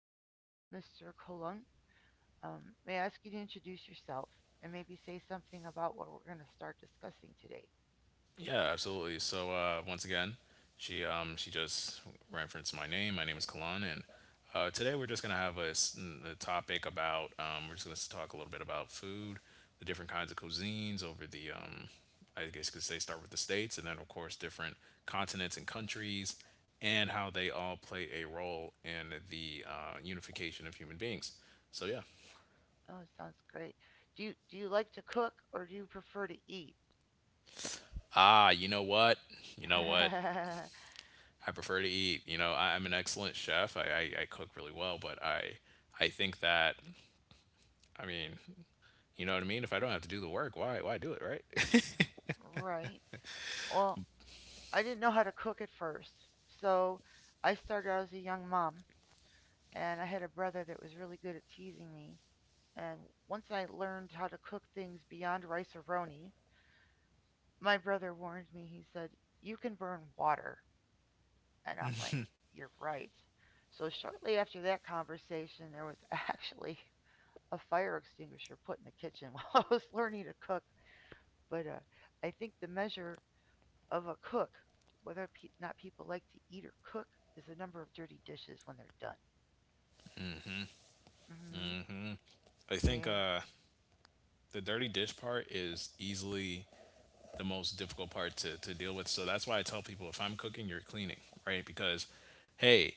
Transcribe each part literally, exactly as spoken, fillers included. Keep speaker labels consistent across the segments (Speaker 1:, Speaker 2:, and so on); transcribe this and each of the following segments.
Speaker 1: I'm here with Mister Colung. Um, may I ask you to introduce yourself and maybe say something about what we're going to start discussing today?
Speaker 2: Yeah, absolutely. So uh, once again, she um, she just referenced my name. My name is Kalan, and uh, today we're just gonna have a, s- a topic about. Um, we're just gonna s- talk a little bit about food, the different kinds of cuisines over the. Um, I guess you could say start with the states, and then of course different continents and countries, and how they all play a role in the uh, unification of human beings. So yeah.
Speaker 1: Oh, sounds great. Do you, do you like to cook or do you prefer to eat?
Speaker 2: Ah, you know what? You know what? I prefer to eat. You know, I, I'm an excellent chef. I, I, I cook really well, but I I think that I mean, you know what I mean? If I don't have to do the work, why why do it, right?
Speaker 1: Right. Well, I didn't know how to cook at first, so I started out as a young mom, and I had a brother that was really good at teasing me. And once I learned how to cook things beyond rice or roni, my brother warned me. He said, "You can burn water." And I'm like, "You're right." So, shortly after that conversation, there was actually a fire extinguisher put in the kitchen while I was learning to cook. But uh, I think the measure of a cook, whether or not people like to eat or cook, is the number of dirty dishes when they're done. Hmm.
Speaker 2: I think
Speaker 1: Yeah,
Speaker 2: uh the dirty dish part is easily the most difficult part to, to deal with. So that's why I tell people if I'm cooking, you're cleaning, right? Because hey,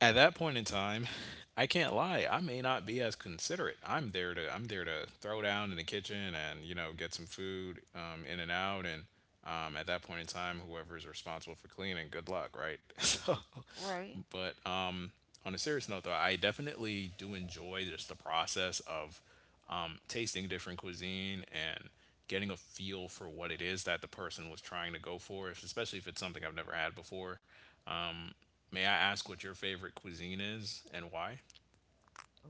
Speaker 2: at that point in time, I can't lie. I may not be as considerate. I'm there to I'm there to throw down in the kitchen and you know get some food um, in and out. And um, at that point in time, whoever's responsible for cleaning, good luck, right? So,
Speaker 1: right.
Speaker 2: but um, on a serious note, though, I definitely do enjoy just the process of um, tasting different cuisine and getting a feel for what it is that the person was trying to go for, if- especially if it's something I've never had before. Um, May I ask what your favorite cuisine is and why?
Speaker 1: Oh,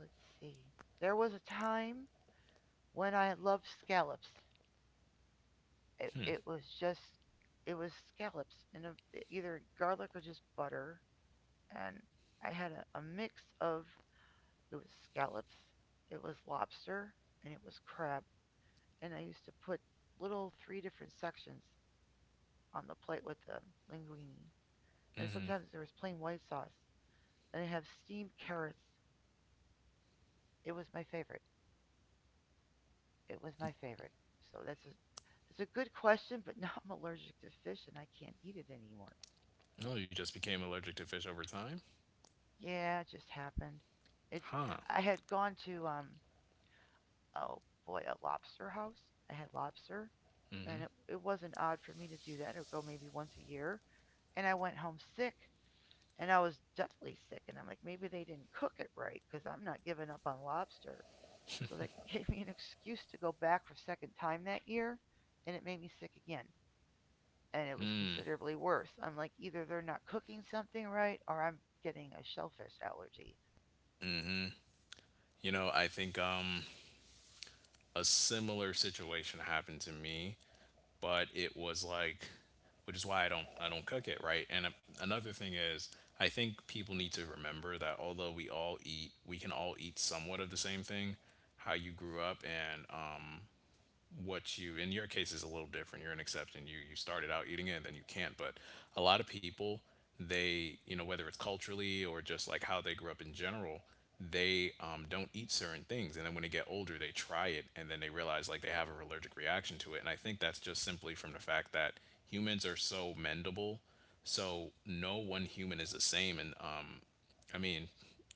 Speaker 1: let's see. There was a time when I loved scallops. It, it was just, it was scallops and either garlic or just butter. And I had a, a mix of, it was scallops, it was lobster, and it was crab. And I used to put little three different sections on the plate with the linguine. And
Speaker 2: Mm-hmm.
Speaker 1: sometimes there was plain white sauce. And I have steamed carrots. It was my favorite. It was my favorite. So that's a, it's a good question, but now I'm allergic to fish and I can't eat it anymore.
Speaker 2: Oh, you just became allergic to fish over time?
Speaker 1: Yeah, it just happened. It's,
Speaker 2: Huh.
Speaker 1: I had gone to um oh boy, a lobster house. I had lobster and it it wasn't odd for me to do that. I'd go maybe once a year. And I went home sick and I was deathly sick and I'm like, maybe they didn't cook it right cuz I'm not giving up on lobster. So that gave me an excuse to go back for a second time that year, and it made me sick again. And it was considerably worse. I'm like, either they're not cooking something right or I'm getting a shellfish allergy.
Speaker 2: You know, I think um a similar situation happened to me, but it was like which is why I don't I don't cook it, right? And uh, another thing is, I think people need to remember that although we all eat, we can all eat somewhat of the same thing. How you grew up and um what you... in your case is a little different. You're an exception. You you started out eating it and then you can't. But a lot of people, they, you know whether it's culturally or just like how they grew up in general, they um, don't eat certain things, and then when they get older they try it and then they realize like they have an allergic reaction to it. And i think that's just simply from the fact that humans are so mendable, so no one human is the same. And um, I mean,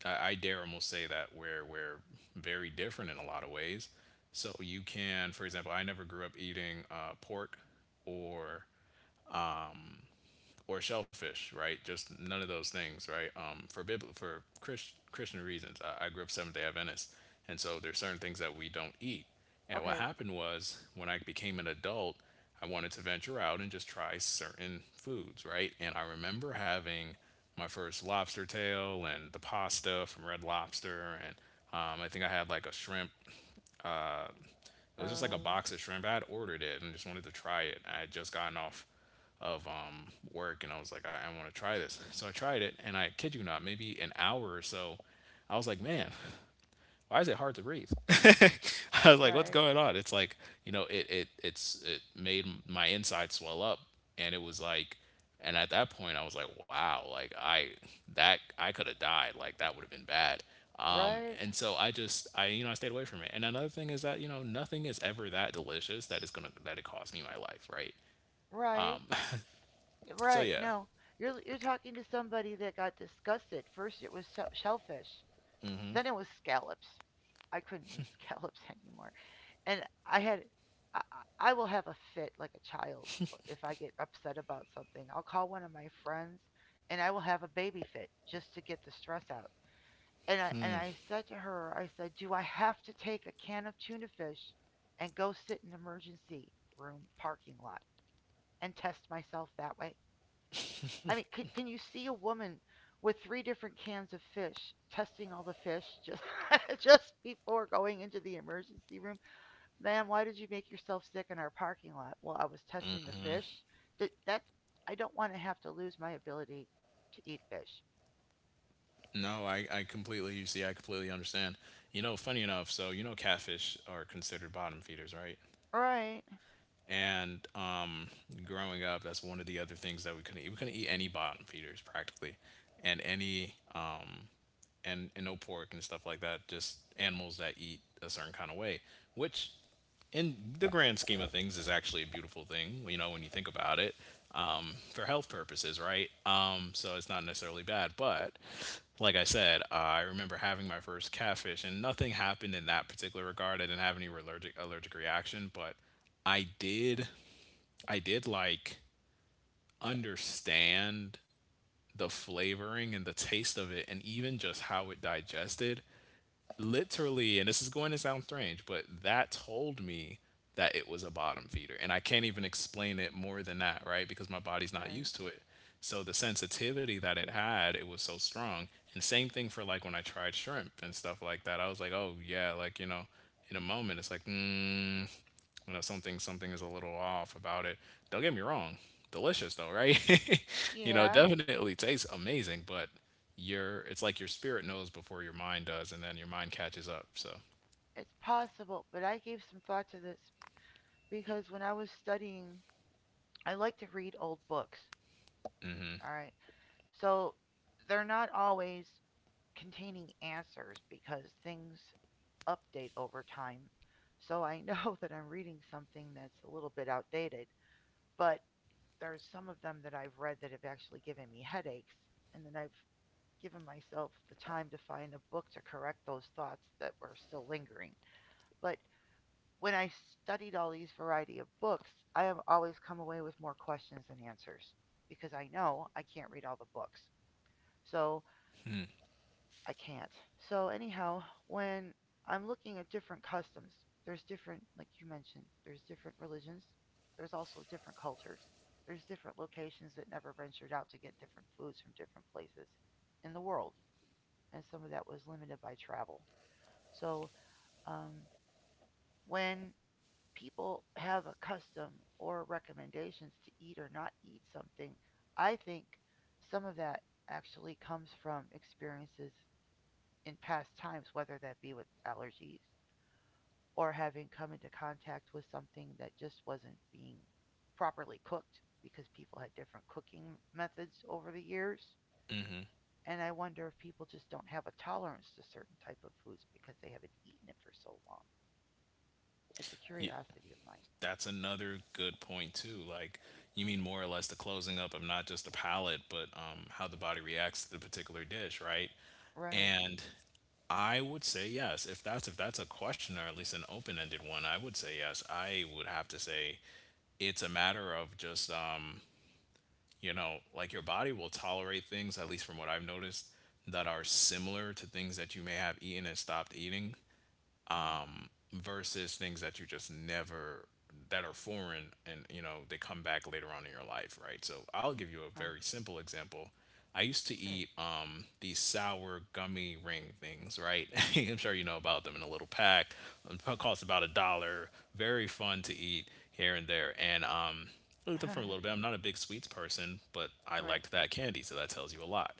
Speaker 2: I, I dare almost say that we're we're very different in a lot of ways. So you can, for example, I never grew up eating uh, pork or or shellfish, right? Just none of those things, right? Um, for Bib- for Chris- Christian reasons, I-, I grew up Seventh Day Adventist, and so there's certain things that we don't eat. And what
Speaker 1: Okay.
Speaker 2: happened was when I became an adult, I wanted to venture out and just try certain foods, right? And I remember having my first lobster tail and the pasta from Red Lobster, and um, I think I had like a shrimp. It was just like a
Speaker 1: Oh,
Speaker 2: box of shrimp. I had ordered it and just wanted to try it. I had just gotten off of um, work, and I was like, I, I want to try this. So I tried it and I kid you not, maybe an hour or so, I was like, man, why is it hard to breathe? I was like, what's
Speaker 1: right.
Speaker 2: going on? It's like, you know, it, it, it's, it made my inside swell up. And it was like, and at that point I was like, wow, like I, that, I could have died. Like that would have been bad. Um,
Speaker 1: Right.
Speaker 2: and so I just, I, you know, I stayed away from it. And another thing is that, you know, nothing is ever that delicious that is going to, that it cost me my life. Right.
Speaker 1: Right.
Speaker 2: So
Speaker 1: Right.
Speaker 2: yeah,
Speaker 1: No. You're you're talking to somebody that got disgusted. First it was se- shellfish. Then it was scallops. I couldn't eat scallops anymore. And I had, I, I I will have a fit like a child uh, if I get upset about something. I'll call one of my friends and I will have a baby fit just to get the stress out. And I and I said to her, I said, "Do I have to take a can of tuna fish and go sit in an emergency room parking lot?" And test myself that way. I mean, can, can you see a woman with three different cans of fish testing all the fish just just before going into the emergency room? "Ma'am, why did you make yourself sick in our parking lot?" "Well, I was testing the fish." That that I don't want to have to lose my ability to eat fish.
Speaker 2: no, I, I completely, you see, I completely understand. You know, funny enough, so you know, catfish are considered bottom feeders, right?
Speaker 1: All right.
Speaker 2: And um, growing up, that's one of the other things that we couldn't eat. We couldn't eat any bottom feeders practically, and any um, and, and no pork and stuff like that. Just animals that eat a certain kind of way, which, in the grand scheme of things, is actually a beautiful thing. You know, when you think about it, um, for health purposes, right? Um, so it's not necessarily bad. But like I said, I remember having my first catfish, and nothing happened in that particular regard. I didn't have any allergic allergic reaction, but I did I did like understand the flavoring and the taste of it and even just how it digested. Literally, and this is going to sound strange, but that told me that it was a bottom feeder. And I can't even explain it more than that, right? Because my body's not
Speaker 1: Okay.
Speaker 2: used to it. So the sensitivity that it had, it was so strong. And same thing for like when I tried shrimp and stuff like that. I was like, oh yeah, like you know, in a moment it's like, mm, you know something something is a little off about it. Don't get me wrong, delicious though, right? you know,
Speaker 1: Yeah,
Speaker 2: definitely tastes amazing, but your it's like your spirit knows before your mind does, and then your mind catches up. So.
Speaker 1: it's possible, but I gave some thought to this because when I was studying, I like to read old books. All right. So they're not always containing answers because things update over time. So I know that I'm reading something that's a little bit outdated, but there's some of them that I've read that have actually given me headaches, and then I've given myself the time to find a book to correct those thoughts that were still lingering. But when I studied all these variety of books, I have always come away with more questions than answers because I know I can't read all the books. So I can't. So anyhow, when I'm looking at different customs, there's different, like you mentioned, there's different religions. There's also different cultures. There's different locations that never ventured out to get different foods from different places in the world, and some of that was limited by travel. So um, when people have a custom or recommendations to eat or not eat something, I think some of that actually comes from experiences in past times, whether that be with allergies or having come into contact with something that just wasn't being properly cooked because people had different cooking methods over the years. And I wonder if people just don't have a tolerance to certain type of foods because they haven't eaten it for so long. It's a curiosity of mine.
Speaker 2: That's another good point too. Like you mean more or less the closing up of not just the palate, but um, how the body reacts to the particular dish, right?
Speaker 1: Right.
Speaker 2: And I would say yes. If that's if that's a question or at least an open-ended one, I would say yes. I would have to say it's a matter of just um, you know, like your body will tolerate things, at least from what I've noticed, that are similar to things that you may have eaten and stopped eating
Speaker 1: Mm,
Speaker 2: versus things that you just never that are foreign, and you know they come back later on in your life, right? So i'll give you a
Speaker 1: right.
Speaker 2: very simple example. I used to eat um these sour gummy ring things, right? i'm sure you know about them. In a little pack, it probably costs about a dollar. Very fun to eat here and there. And um I looked them
Speaker 1: Okay.
Speaker 2: for a little bit. I'm not a big sweets person, but i
Speaker 1: Right.
Speaker 2: liked that candy, so that tells you a lot.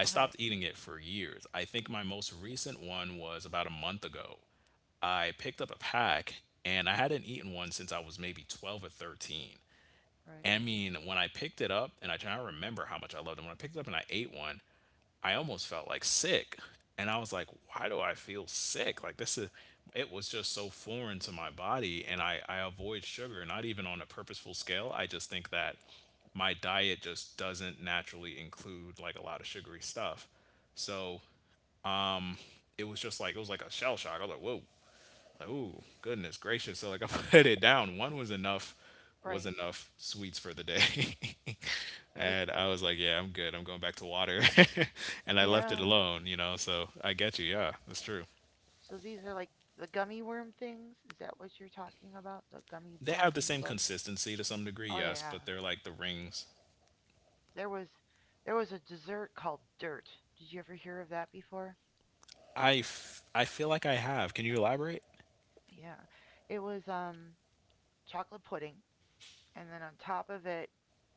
Speaker 2: I stopped eating it for years. I think my most recent one was about a month ago. I picked up a pack, and I hadn't eaten one since I was maybe twelve or thirteen.
Speaker 1: Right.
Speaker 2: I mean, when I picked it up, and I try to remember how much I loved it, when I picked it up and I ate one, I almost felt like sick. And I was like, why do I feel sick? Like, this is, it was just so foreign to my body. And I, I avoid sugar, not even on a purposeful scale. I just think that my diet just doesn't naturally include like a lot of sugary stuff. So it was just like, it was like a shell shock. I was like, whoa, like, ooh, goodness gracious. So like I put it down. One was enough, was
Speaker 1: Right.
Speaker 2: enough sweets for the day.
Speaker 1: Well, this,
Speaker 2: And I was like, yeah, I'm good. I'm going back to water. And I left
Speaker 1: yeah.
Speaker 2: it alone, you know. So I get you. Yeah, that's true.
Speaker 1: So these are like the gummy worm things? Is that what you're talking about? The gummy
Speaker 2: They have
Speaker 1: worms
Speaker 2: the
Speaker 1: and
Speaker 2: same
Speaker 1: bugs?
Speaker 2: consistency to some degree,
Speaker 1: Oh
Speaker 2: yes,
Speaker 1: yeah.
Speaker 2: but they're like the rings.
Speaker 1: There was there was a dessert called dirt. Did you ever hear of that before?
Speaker 2: I, f- I feel like I have. Can you elaborate?
Speaker 1: Yeah. It was um chocolate pudding, and then on top of it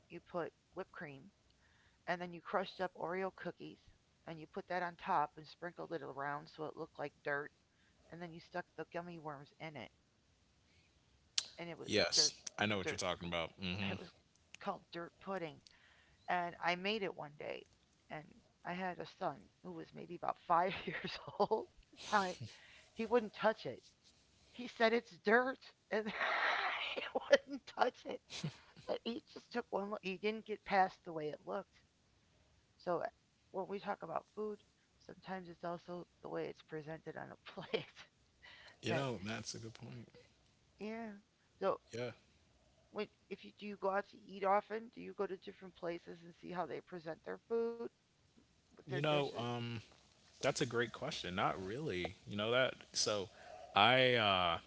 Speaker 1: you put whipped cream, and then you crushed up Oreo cookies and you put that on top and sprinkled it around so it looked like dirt, and then you stuck the gummy worms in it, and it was
Speaker 2: Yes,
Speaker 1: dirt.
Speaker 2: I know what you're
Speaker 1: Dirt.
Speaker 2: talking about. Hmm.
Speaker 1: It was called dirt pudding, and I made it one day, and I had a son who was maybe about five years old at the time. He wouldn't touch it. He said it's dirt, and he wouldn't touch it. And he just took one look. He didn't get past the way it looked. So uh, when we talk about food, sometimes it's also the way it's presented on a plate.
Speaker 2: You
Speaker 1: That,
Speaker 2: know, that's a good point.
Speaker 1: yeah. So
Speaker 2: Yeah.
Speaker 1: when, if you do, you go out to eat often, do you go to different places and see how they present their food with their
Speaker 2: You know,
Speaker 1: dishes?
Speaker 2: um, that's a great question. Not really. You know that. So, I uh,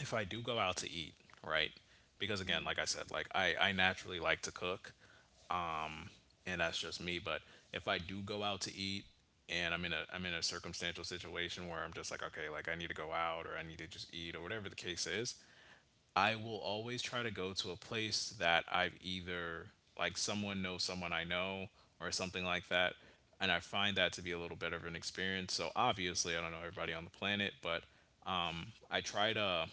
Speaker 2: if I do go out to eat, right? Because again,
Speaker 1: Mm-hmm.
Speaker 2: like I said, like I, I naturally like to cook, and that's just me, but if I do go out to eat and I'm in a I'm in a circumstantial situation where I'm just like, okay, like I need to go out or I need to just eat or whatever the case is, I will always try to go to a place that I've either like someone knows someone I know or something like that. And I find that to be a little bit of an experience. So obviously I don't know everybody on the planet, but I try to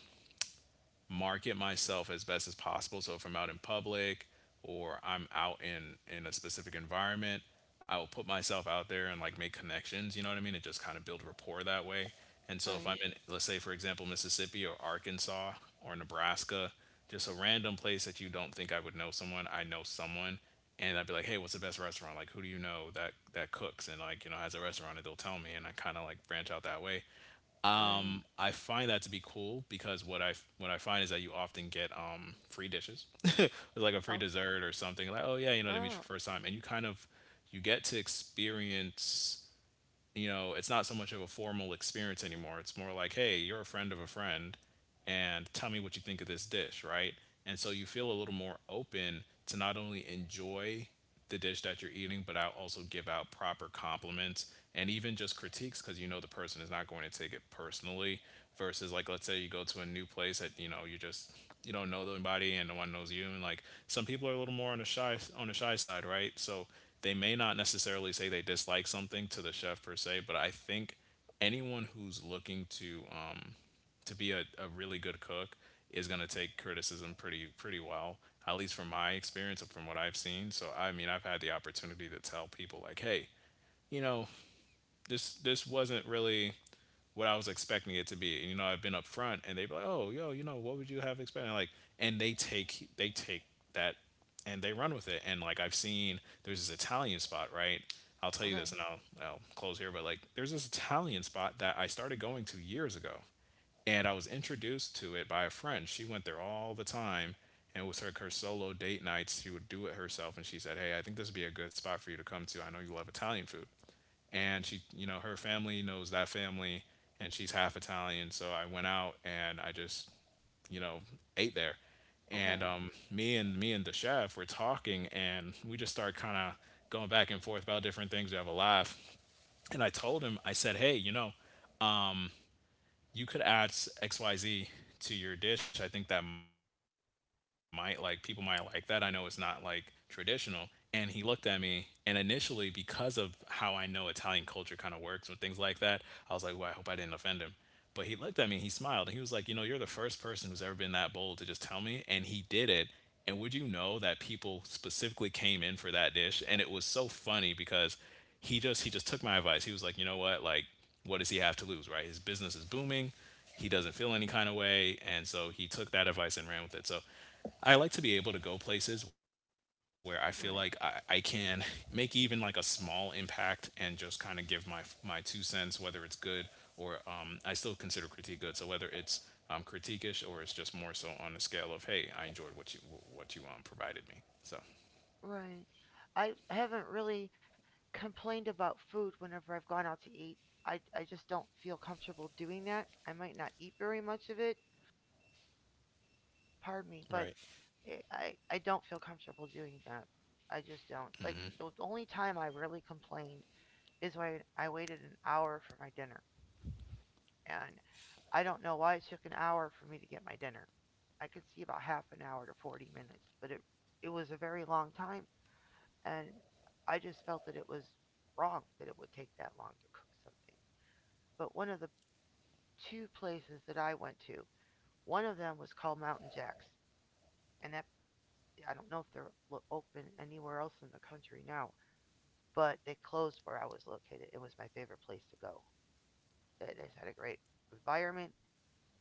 Speaker 2: market myself as best as possible. So if I'm out in public or I'm out in in a specific environment, I will put myself out there and like make connections. You know what I mean? And just kind of build rapport that way. And so if I'm
Speaker 1: Right.
Speaker 2: in, let's say for example, Mississippi or Arkansas or Nebraska, just a random place that you don't think I would know someone, I know someone. And I'd be like, hey, what's the best restaurant? Like, who do you know that that cooks and, like, you know, has a restaurant? And they'll tell me, and I kind of like branch out that way.
Speaker 1: Right.
Speaker 2: I find that to be cool because what I what I find is that you often get um, free dishes, like a free
Speaker 1: Oh,
Speaker 2: dessert or something. Like, oh yeah, you know, they meet you for
Speaker 1: oh,
Speaker 2: the first time, and you kind of you get to experience, you know, it's not so much of a formal experience anymore. It's more like, hey, you're a friend of a friend, and tell me what you think of this dish, right? And so you feel a little more open to not only enjoy the dish that you're eating, but I'll also give out proper compliments and even just critiques because you know the person is not going to take it personally. Versus, like, let's say you go to a new place that, you know, you're just you don't know anybody and no one knows you, and like some people are a little more on the shy on the shy side, right? So they may not necessarily say they dislike something to the chef per se, but I think anyone who's looking to um to be a, a really good cook is going to take criticism pretty pretty well, at least from my experience and from what I've seen. So I mean, I've had the opportunity to tell people, like, hey, you know, this this wasn't really what I was expecting it to be. And you know, I've been upfront, and they be like, "Oh, yo, you know, what would you have expected?" Like, and they take they take that and they run with it. And like I've seen, there's this Italian spot, right? I'll tell you
Speaker 1: okay.
Speaker 2: this, and I'll I'll close here, but like there's this Italian spot that I started going to years ago, and I was introduced to it by a friend. She went there all the time, and it was like her solo date nights. She would do it herself, and she said, "Hey, I think this would be a good spot for you to come to. I know you love Italian food." And she, you know, her family knows that family, and she's half Italian. So I went out and I just, you know, ate there. And
Speaker 1: Okay.
Speaker 2: um, me and me and the chef were talking, and we just started kind of going back and forth about different things. We have a laugh, and I told him, I said, "Hey, you know, you could add X Y Z to your dish. I think that might, like, people might like that. I know it's not like traditional." And he looked at me, and initially, because of how I know Italian culture kind of works with things like that, I was like, "Ooh, I hope I didn't offend him." But he looked at me, he smiled, and he was like, "You know, you're the first person who's ever been that bold to just tell me." And he did it. And would you know that people specifically came in for that dish? And it was so funny because he just he just took my advice. He was like, "You know what? Like, what does he have to lose, right? His business is booming. He doesn't feel any kind of way." And so he took that advice and ran with it. So I like to be able to go places where I feel like I, I can
Speaker 1: Right.
Speaker 2: make even like a small impact and just kind of give my my two cents, whether it's good or, um, I still consider critique good. So whether it's um, critiquish, or it's just more so on the scale of, hey, I enjoyed what you what you um, provided me. So
Speaker 1: Right. I haven't really complained about food whenever I've gone out to eat. I, I just don't feel comfortable doing that. I might not eat very much of it. Pardon me, but
Speaker 2: right,
Speaker 1: it, I I don't feel comfortable doing that. I just don't. Like, the only time I really complained is when I waited an hour for my dinner. And I don't know why it took an hour for me to get my dinner. I could see about half an hour to forty minutes, but it it was a very long time, and I just felt that it was wrong that it would take that long to cook something. But one of the two places that I went to, one of them was called Mountain Jacks, and that, I don't know if they're open anywhere else in the country now, but they closed where I was located. It was my favorite place to go. It, it had a great environment.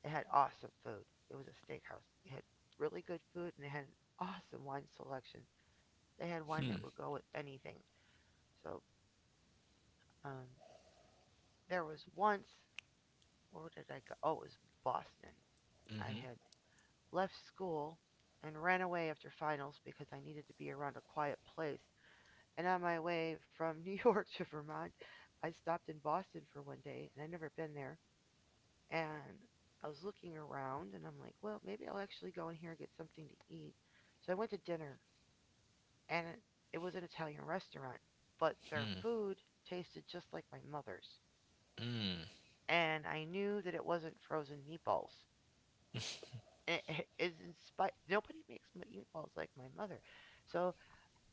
Speaker 1: They had awesome food. It was a steakhouse. They had really good food, and they had an awesome wine selection. They had wine that would go with anything. So um, there was once, where did I go? Oh, it was Boston. I had left school and ran away after finals because I needed to be around a quiet place. And on my way from New York to Vermont, I stopped in Boston for one day, and I'd never been there. And I was looking around and I'm like, well, maybe I'll actually go in here and get something to eat. So I went to dinner, and it- it was an Italian restaurant, but their food tasted just like my mother's. And I knew that it wasn't frozen meatballs. And It, it inspi- nobody makes meatballs like my mother. So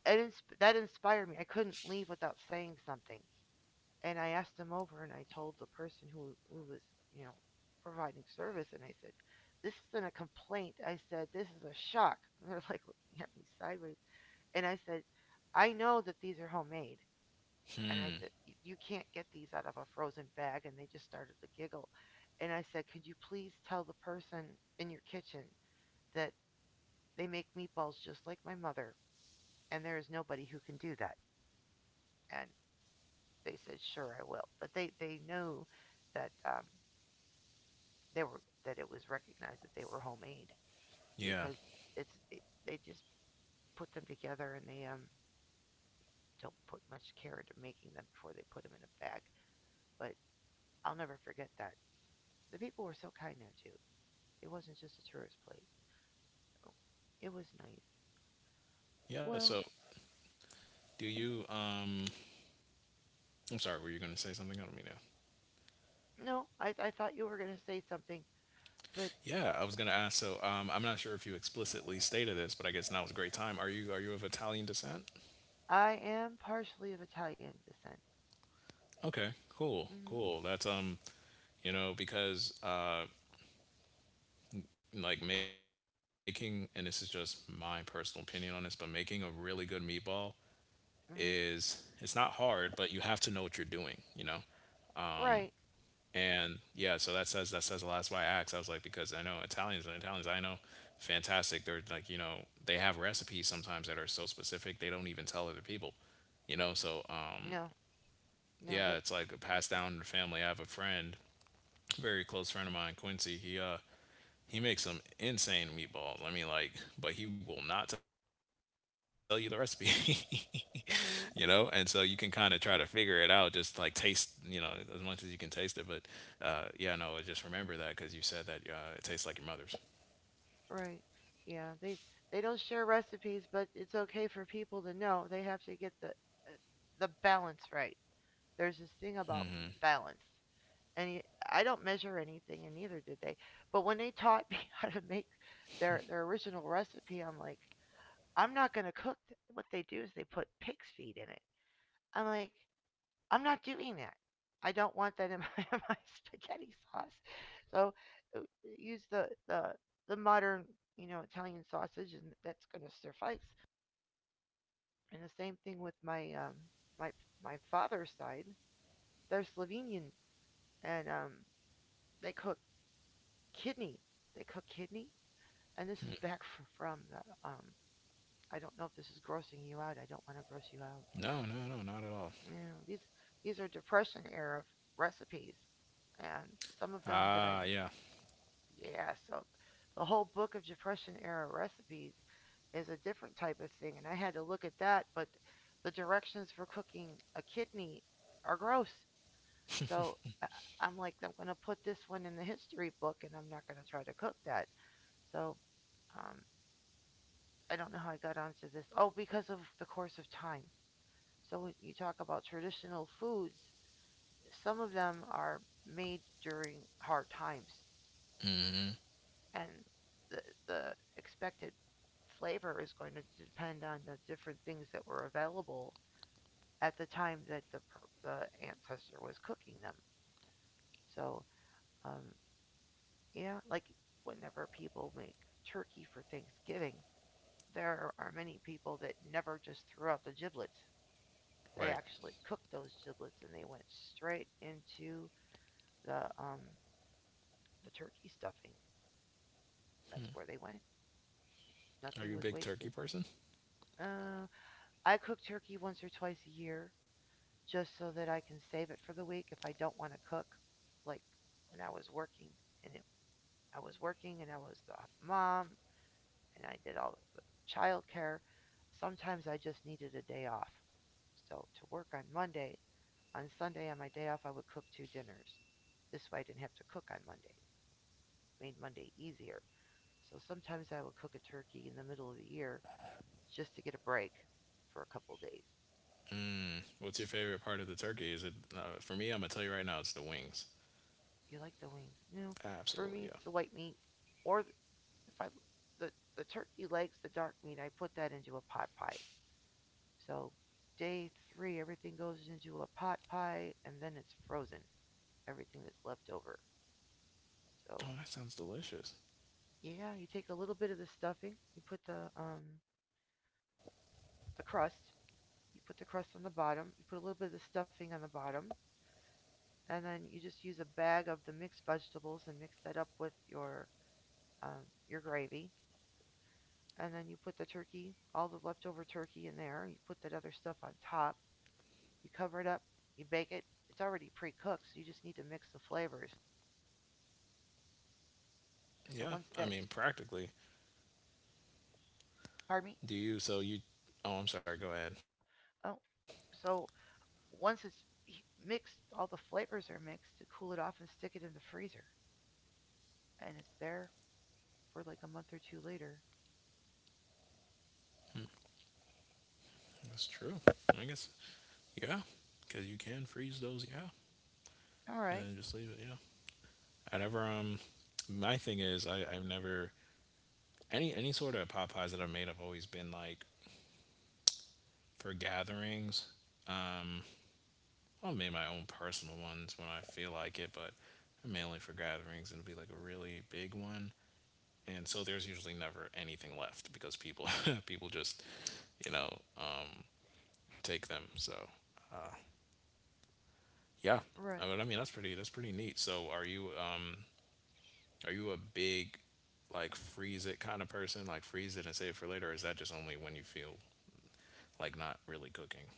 Speaker 1: it insp- that inspired me. I couldn't leave without saying something. And I asked them over and I told the person who, who was, you know, providing service, and I said, "This isn't a complaint." I said, "This is a shock." And they're like looking at me sideways. And I said, "I know that these are homemade." And I said, "You can't get these out of a frozen bag." And they just started to giggle. And I said, "Could you please tell the person in your kitchen that they make meatballs just like my mother? And there is nobody who can do that." And they said, "Sure, I will." But they, they knew that um, they were that it was recognized that they were homemade
Speaker 2: yeah,
Speaker 1: because it's it, they just put them together, and they um don't put much care into making them before they put them in a bag. But I'll never forget that. The people were so kind there too. It wasn't just a tourist place. So it was nice.
Speaker 2: yeah.
Speaker 1: Well,
Speaker 2: So do you? Um, I'm sorry, were you going to say something? I don't mean to.
Speaker 1: no, I, I thought you were going to say something, but
Speaker 2: Yeah, I was gonna ask. So um, I'm not sure if you explicitly stated this, but I guess now is a great time. Are you are you of Italian descent?
Speaker 1: I am partially of Italian descent.
Speaker 2: Okay, cool,
Speaker 1: Mhm.
Speaker 2: cool. That's, um, you know, because uh, like making, and this is just my personal opinion on this, but making a really good meatball is,
Speaker 1: Mhm.
Speaker 2: it's not hard, but you have to know what you're doing. You know,
Speaker 1: Right.
Speaker 2: and yeah, so that says that says a lot. That's why I asked. I was like, because I know Italians, and Italians I know, fantastic. They're like, you know, they have recipes sometimes that are so specific they don't even tell other people. You know, so um
Speaker 1: No. No,
Speaker 2: yeah,
Speaker 1: that
Speaker 2: it's like passed down to the family. I have a friend, very close friend of mine, Quincy. He uh he makes some insane meatballs. I mean, like, but he will not tell you the recipe. You know, and so you can
Speaker 1: mhm.
Speaker 2: kind of try to figure it out, just like taste, you know, as much as you can taste it, but uh, yeah, no, just remember that because you said that uh, it tastes like your mother's.
Speaker 1: Right. Yeah, they they don't share recipes, but it's okay for people to know. They have to get the uh, the balance right. There's this thing about
Speaker 2: Mm-hmm.
Speaker 1: balance. And y- I don't measure anything and neither did they. But when they taught me how to make their their original recipe, I'm like, I'm not going to cook. th- What they do is they put pig's feet in it. I'm like, I'm not doing that. I don't want that in my, my spaghetti sauce. So uh, use the, the the modern, you know, Italian sausage, and that's going to suffice. And the same thing with my um my my father's side. They're Slovenian, and um they cook kidney. They cook kidney, and this is back from, from the um. I don't know if this is grossing you out. I don't want to gross you out.
Speaker 2: No, no, no, not at all.
Speaker 1: You know, these these are depression era recipes and some of them that I've.
Speaker 2: Ah yeah.
Speaker 1: Yeah, so the whole book of Depression era recipes is a different type of thing, and I had to look at that. But the directions for cooking a kidney are gross, so I- I'm like, I'm gonna put this one in the history book, and I'm not gonna try to cook that. So um, I don't know how I got onto this. Oh, because of the course of time. So when you talk about traditional foods, some of them are made during hard times,
Speaker 2: Mm-hmm.
Speaker 1: and the the expected flavor is going to depend on the different things that were available at the time that the the ancestor was cooking them. So, um, yeah, like whenever people make turkey for Thanksgiving, there are many people that never just threw out the giblets. They
Speaker 2: Right.
Speaker 1: actually cooked those giblets and they went straight into the um the turkey stuffing. That's where they went. Nothing
Speaker 2: Are you a
Speaker 1: was
Speaker 2: big
Speaker 1: wasted.
Speaker 2: turkey person?
Speaker 1: Uh, I cook turkey once or twice a year just so that I can save it for the week if I don't want to cook. Like when I was working and it, I was working and I was the mom and I did all the child care. Sometimes I just needed a day off. So to work on Monday, on Sunday on my day off, I would cook two dinners. This way I didn't have to cook on Monday. It Made Monday easier. So sometimes I would cook a turkey in the middle of the year just to get a break for a couple days.
Speaker 2: What's your favorite part of the turkey? Is it, uh, for me, I'm gonna tell you right now, it's the wings.
Speaker 1: You like the wings. No, for me
Speaker 2: Absolutely,
Speaker 1: it's
Speaker 2: yeah.
Speaker 1: the white meat, or if I the the turkey legs, the dark meat. I put that into a pot pie. So day three, everything goes into a pot pie, and then it's frozen. Everything that's left over. So
Speaker 2: Oh, that sounds delicious.
Speaker 1: yeah, you take a little bit of the stuffing. You put the um the crust. You put the crust on the bottom. You put a little bit of the stuffing on the bottom, and then you just use a bag of the mixed vegetables and mix that up with your um, your gravy, and then you put the turkey, all the leftover turkey in there. You put that other stuff on top. You cover it up. You bake it. It's already pre-cooked, so you just need to mix the flavors. So
Speaker 2: Yeah,
Speaker 1: once
Speaker 2: I mean,
Speaker 1: that's,
Speaker 2: practically.
Speaker 1: pardon me.
Speaker 2: Do you? So you? Oh, I'm sorry. Go ahead.
Speaker 1: Oh, so once it's mixed, all the flavors are mixed. To cool it off and stick it in the freezer, and it's there for like a month or two later.
Speaker 2: That's true. I guess. Yeah, because you can freeze those. Yeah,
Speaker 1: All
Speaker 2: and
Speaker 1: right,
Speaker 2: then just leave it. Yeah. I never. Um, my thing is I I've never, any any sort of pot pies that I've made have always been like for gatherings. Um, well, I've made my own personal ones when I feel like it, but mainly for gatherings. And it'll be like a really big one. And so there's usually never anything left because people people just, you know, um, take them. So yeah,
Speaker 1: right.
Speaker 2: I mean, I mean, that's pretty, that's pretty neat. So are you um are you a big, like, freeze it kind of person, like freeze it and save it for later, or is that just only when you feel like not really cooking?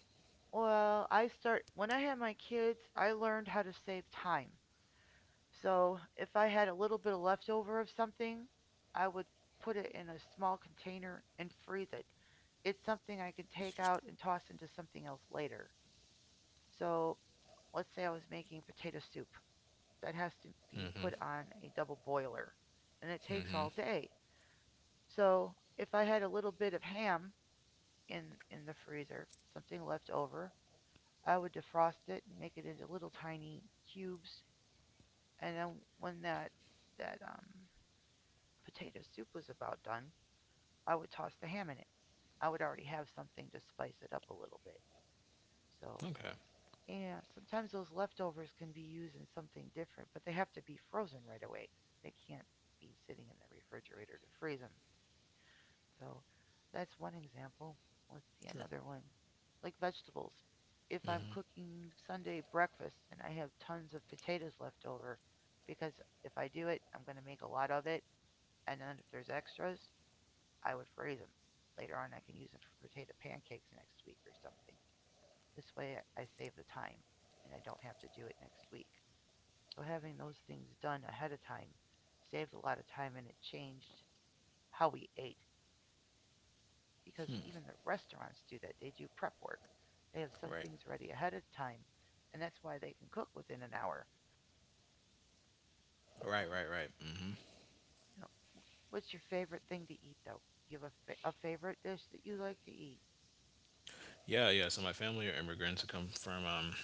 Speaker 1: Well, I start when I had my kids. I learned how to save time. So if I had a little bit of leftover of something, I would put it in a small container and freeze it. It's something I can take out and toss into something else later. So let's say I was making potato soup. That has to be put on a double boiler, and it takes
Speaker 2: Mm-hmm.
Speaker 1: all day. So if I had a little bit of ham in in the freezer, something left over, I would defrost it and make it into little tiny cubes. And then when that that um potato soup was about done, I would toss the ham in it. I would already have something to spice it up a little bit. So,
Speaker 2: Okay.
Speaker 1: yeah, sometimes those leftovers can be used in something different, but they have to be frozen right away. They can't be sitting in the refrigerator to freeze them. So, that's one example. Let's see
Speaker 2: Sure.
Speaker 1: another one. Like vegetables. If I'm cooking Sunday breakfast and I have tons of potatoes left over, because if I do it, I'm going to make a lot of it. And then if there's extras, I would freeze them. Later on, I can use them for potato pancakes next week or something. This way, I- save the time, and I don't have to do it next week. So having those things done ahead of time saved a lot of time, and it changed how we ate. Because even the restaurants do that. They do prep work. They have some
Speaker 2: Right.
Speaker 1: things ready ahead of time, and that's why they can cook within an hour. So,
Speaker 2: Right. Right. Right. Mm-hmm.
Speaker 1: you know, what's your favorite thing to eat, though? Do you have a, fa- a favorite dish that you like to eat?
Speaker 2: Yeah. Yeah. So my family are immigrants who come from, um,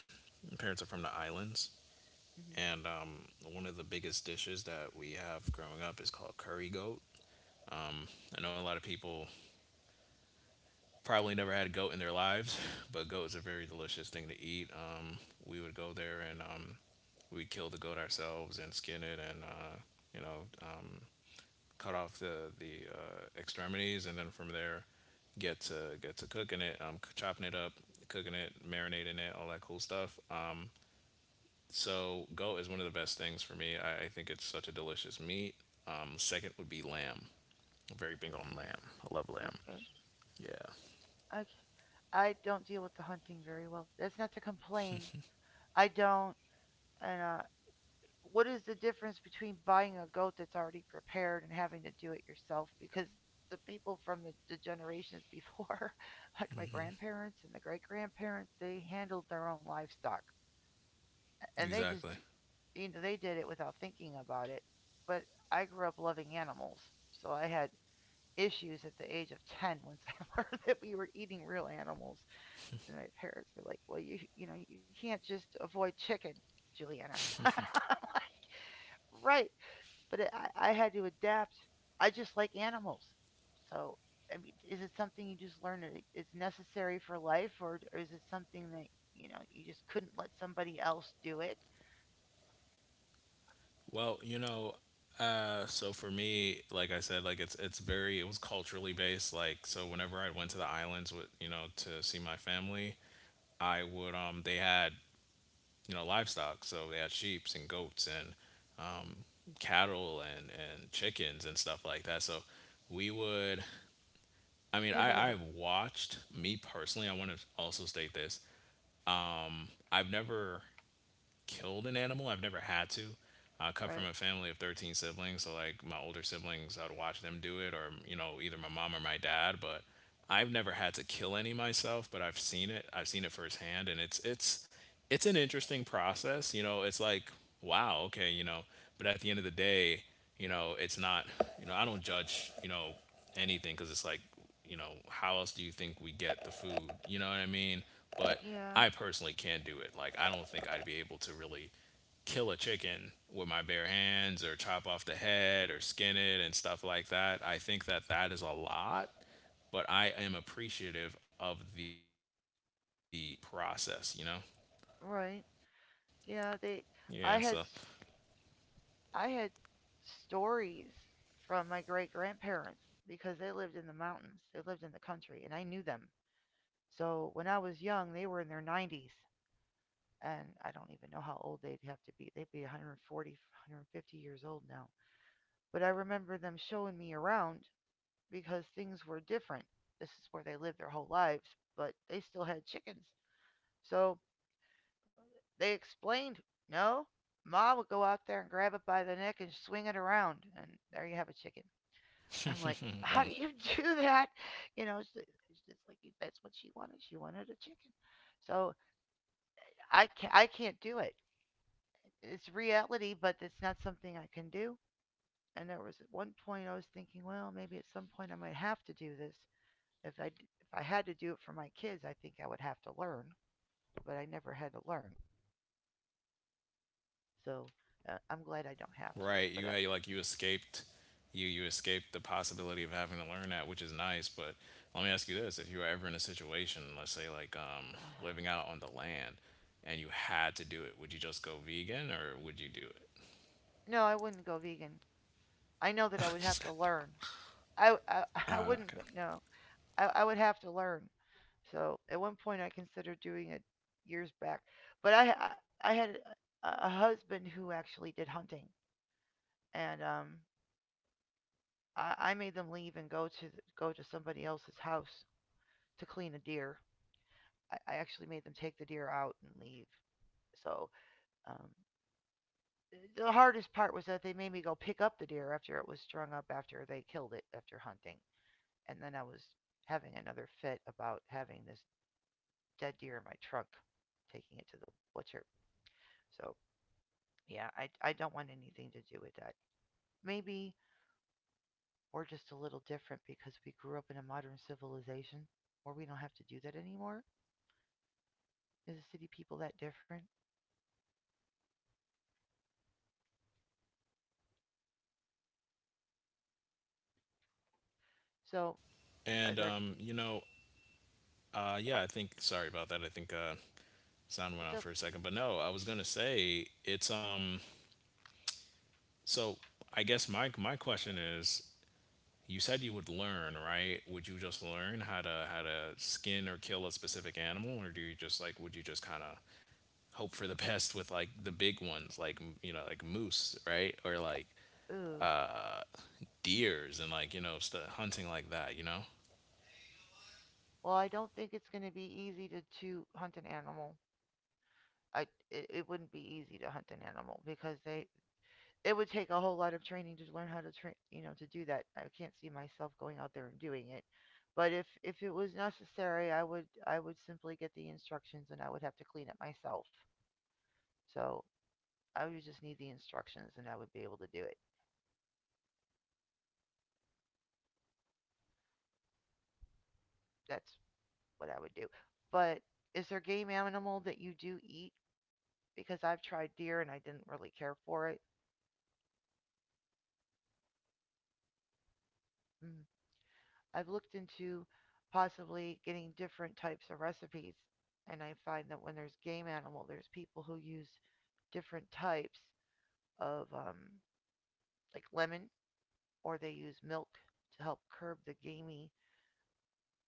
Speaker 2: my parents are from the islands,
Speaker 1: Hmm.
Speaker 2: and um, one of the biggest dishes that we have growing up is called curry goat. Um, I know a lot of people probably never had a goat in their lives, but goat is a very delicious thing to eat. Um, we would go there and, um, we'd kill the goat ourselves and skin it, and uh, you know, um, cut off the the uh, extremities, and then from there, get to get to cooking it, um, c- chopping it up, cooking it, marinating it, all that cool stuff. Um, so goat is one of the best things for me. I, I think it's such a delicious meat. Um, second would be lamb. I'm very big on lamb. I love lamb.
Speaker 1: Okay.
Speaker 2: Yeah,
Speaker 1: I I c- I don't deal with the hunting very well. That's not to complain. I don't. And uh, what is the difference between buying a goat that's already prepared and having to do it yourself? Because the people from the, the generations before, like my grandparents and the great grandparents, they handled their own livestock. And they just,
Speaker 2: exactly.
Speaker 1: you know, they did it without thinking about it. But I grew up loving animals. So I had issues at the age of ten once I learned that we were eating real animals. And my parents were like, "Well, you you know you can't just avoid chicken, Juliana." I'm like, right, but it, I, I had to adapt. I just like animals, so I mean, is it something you just learn that it- it's necessary for life, or, or is it something that you know you just couldn't let somebody else do it?
Speaker 2: Well, you know, uh, so for me, like I said, like it's it's very, it was culturally based. Like, so whenever I went to the islands with, you know, to see my family, I would, um they had, you know, livestock, so they had sheep and goats and, um, cattle and and chickens and stuff like that. So we would. I mean, I I watched, me personally, I want to also state this. I've never killed an animal. I've never had to. I come from
Speaker 1: Right?
Speaker 2: a family of thirteen siblings, so like my older siblings, I'd watch them do it, or, you know, either my mom or my dad. But I've never had to kill any myself, but I've seen it. I've seen it firsthand, and it's it's it's an interesting process. You know, it's like, wow, okay, you know. But at the end of the day, you know, it's not. You know, I don't judge, you know, anything, because it's like, you know, how else do you think we get the food? You know what I mean? But
Speaker 1: Yeah.
Speaker 2: I personally can't do it. Like, I don't think I'd be able to really kill a chicken with my bare hands or chop off the head or skin it and stuff like that. I think that that is a lot, but I am appreciative of the process, you know?
Speaker 1: Right.
Speaker 2: Yeah, so
Speaker 1: Yeah. They. I had. I had stories from my great grandparents because they lived in the mountains. They lived in the country, and I knew them. So when I was young, they were in their nineties, and I don't even know how old they'd have to be. They'd be a hundred and forty, one hundred fifty years old now. But I remember them showing me around because things were different. This is where they lived their whole lives, but they still had chickens. So they explained, no, Ma would go out there and grab it by the neck and swing it around, and there you have a chicken. I'm like, how do you do that? You know, it's, it's just like that's what she wanted. She wanted a chicken. So I can't, I can't do it. It's reality, but it's not something I can do. And there was at one point I was thinking, well, maybe at some point I might have to do this. If I if I had to do it for my kids, I think I would have to learn, but I never had to learn. So uh, I'm glad I don't have to.
Speaker 2: right.
Speaker 1: But
Speaker 2: You
Speaker 1: I,
Speaker 2: had like you escaped, you you escaped the possibility of having to learn that, which is nice. But let me ask you this: if you were ever in a situation, let's say like um, living out on the land, and you had to do it, would you just go vegan or would you do it?
Speaker 1: no, I wouldn't go vegan. I know that I would have to learn. I, I, I wouldn't
Speaker 2: Okay.
Speaker 1: go, no. I, I would have to learn. So at one point I considered doing it years back, but I I, I had a, a husband who actually did hunting, and um I, I made them leave and go to go to somebody else's house to clean a deer. I, I actually made them take the deer out and leave. So um, the hardest part was that they made me go pick up the deer after it was strung up after they killed it after hunting, and then I was having another fit about having this dead deer in my trunk, taking it to the butcher. So yeah, I I don't want anything to do with that. Maybe we're just a little different because we grew up in a modern civilization where we don't have to do that anymore. Is the city people that different? So are
Speaker 2: And
Speaker 1: there?
Speaker 2: um, you know, uh,
Speaker 1: Are,
Speaker 2: yeah, I think sorry about that. I think uh, sound went
Speaker 1: it's
Speaker 2: out
Speaker 1: a
Speaker 2: for a second, but no, I was gonna say it's um. So I guess my my question is you said you would learn, right? Would you just learn how to how to skin or kill a specific animal, or do you just like would you just kind of hope for the best with like the big ones, like m- you know, like moose, right, or like
Speaker 1: ooh.
Speaker 2: uh, deers and like you know st- hunting like that, you know?
Speaker 1: Well, I don't think it's going to be easy to to hunt an animal. I it, it wouldn't be easy to hunt an animal because they it would take a whole lot of training to learn how to train, you know, to do that. I can't see myself going out there and doing it. But if if it was necessary, I would I would simply get the instructions and I would have to clean it myself. So I would just need the instructions and I would be able to do it. That's what I would do. But is there game animal that you do eat? Because I've tried deer and I didn't really care for it. Mm. I've looked into possibly getting different types of recipes, and I find that when there's game animal, there's people who use different types of um, like lemon, or they use milk to help curb the gamey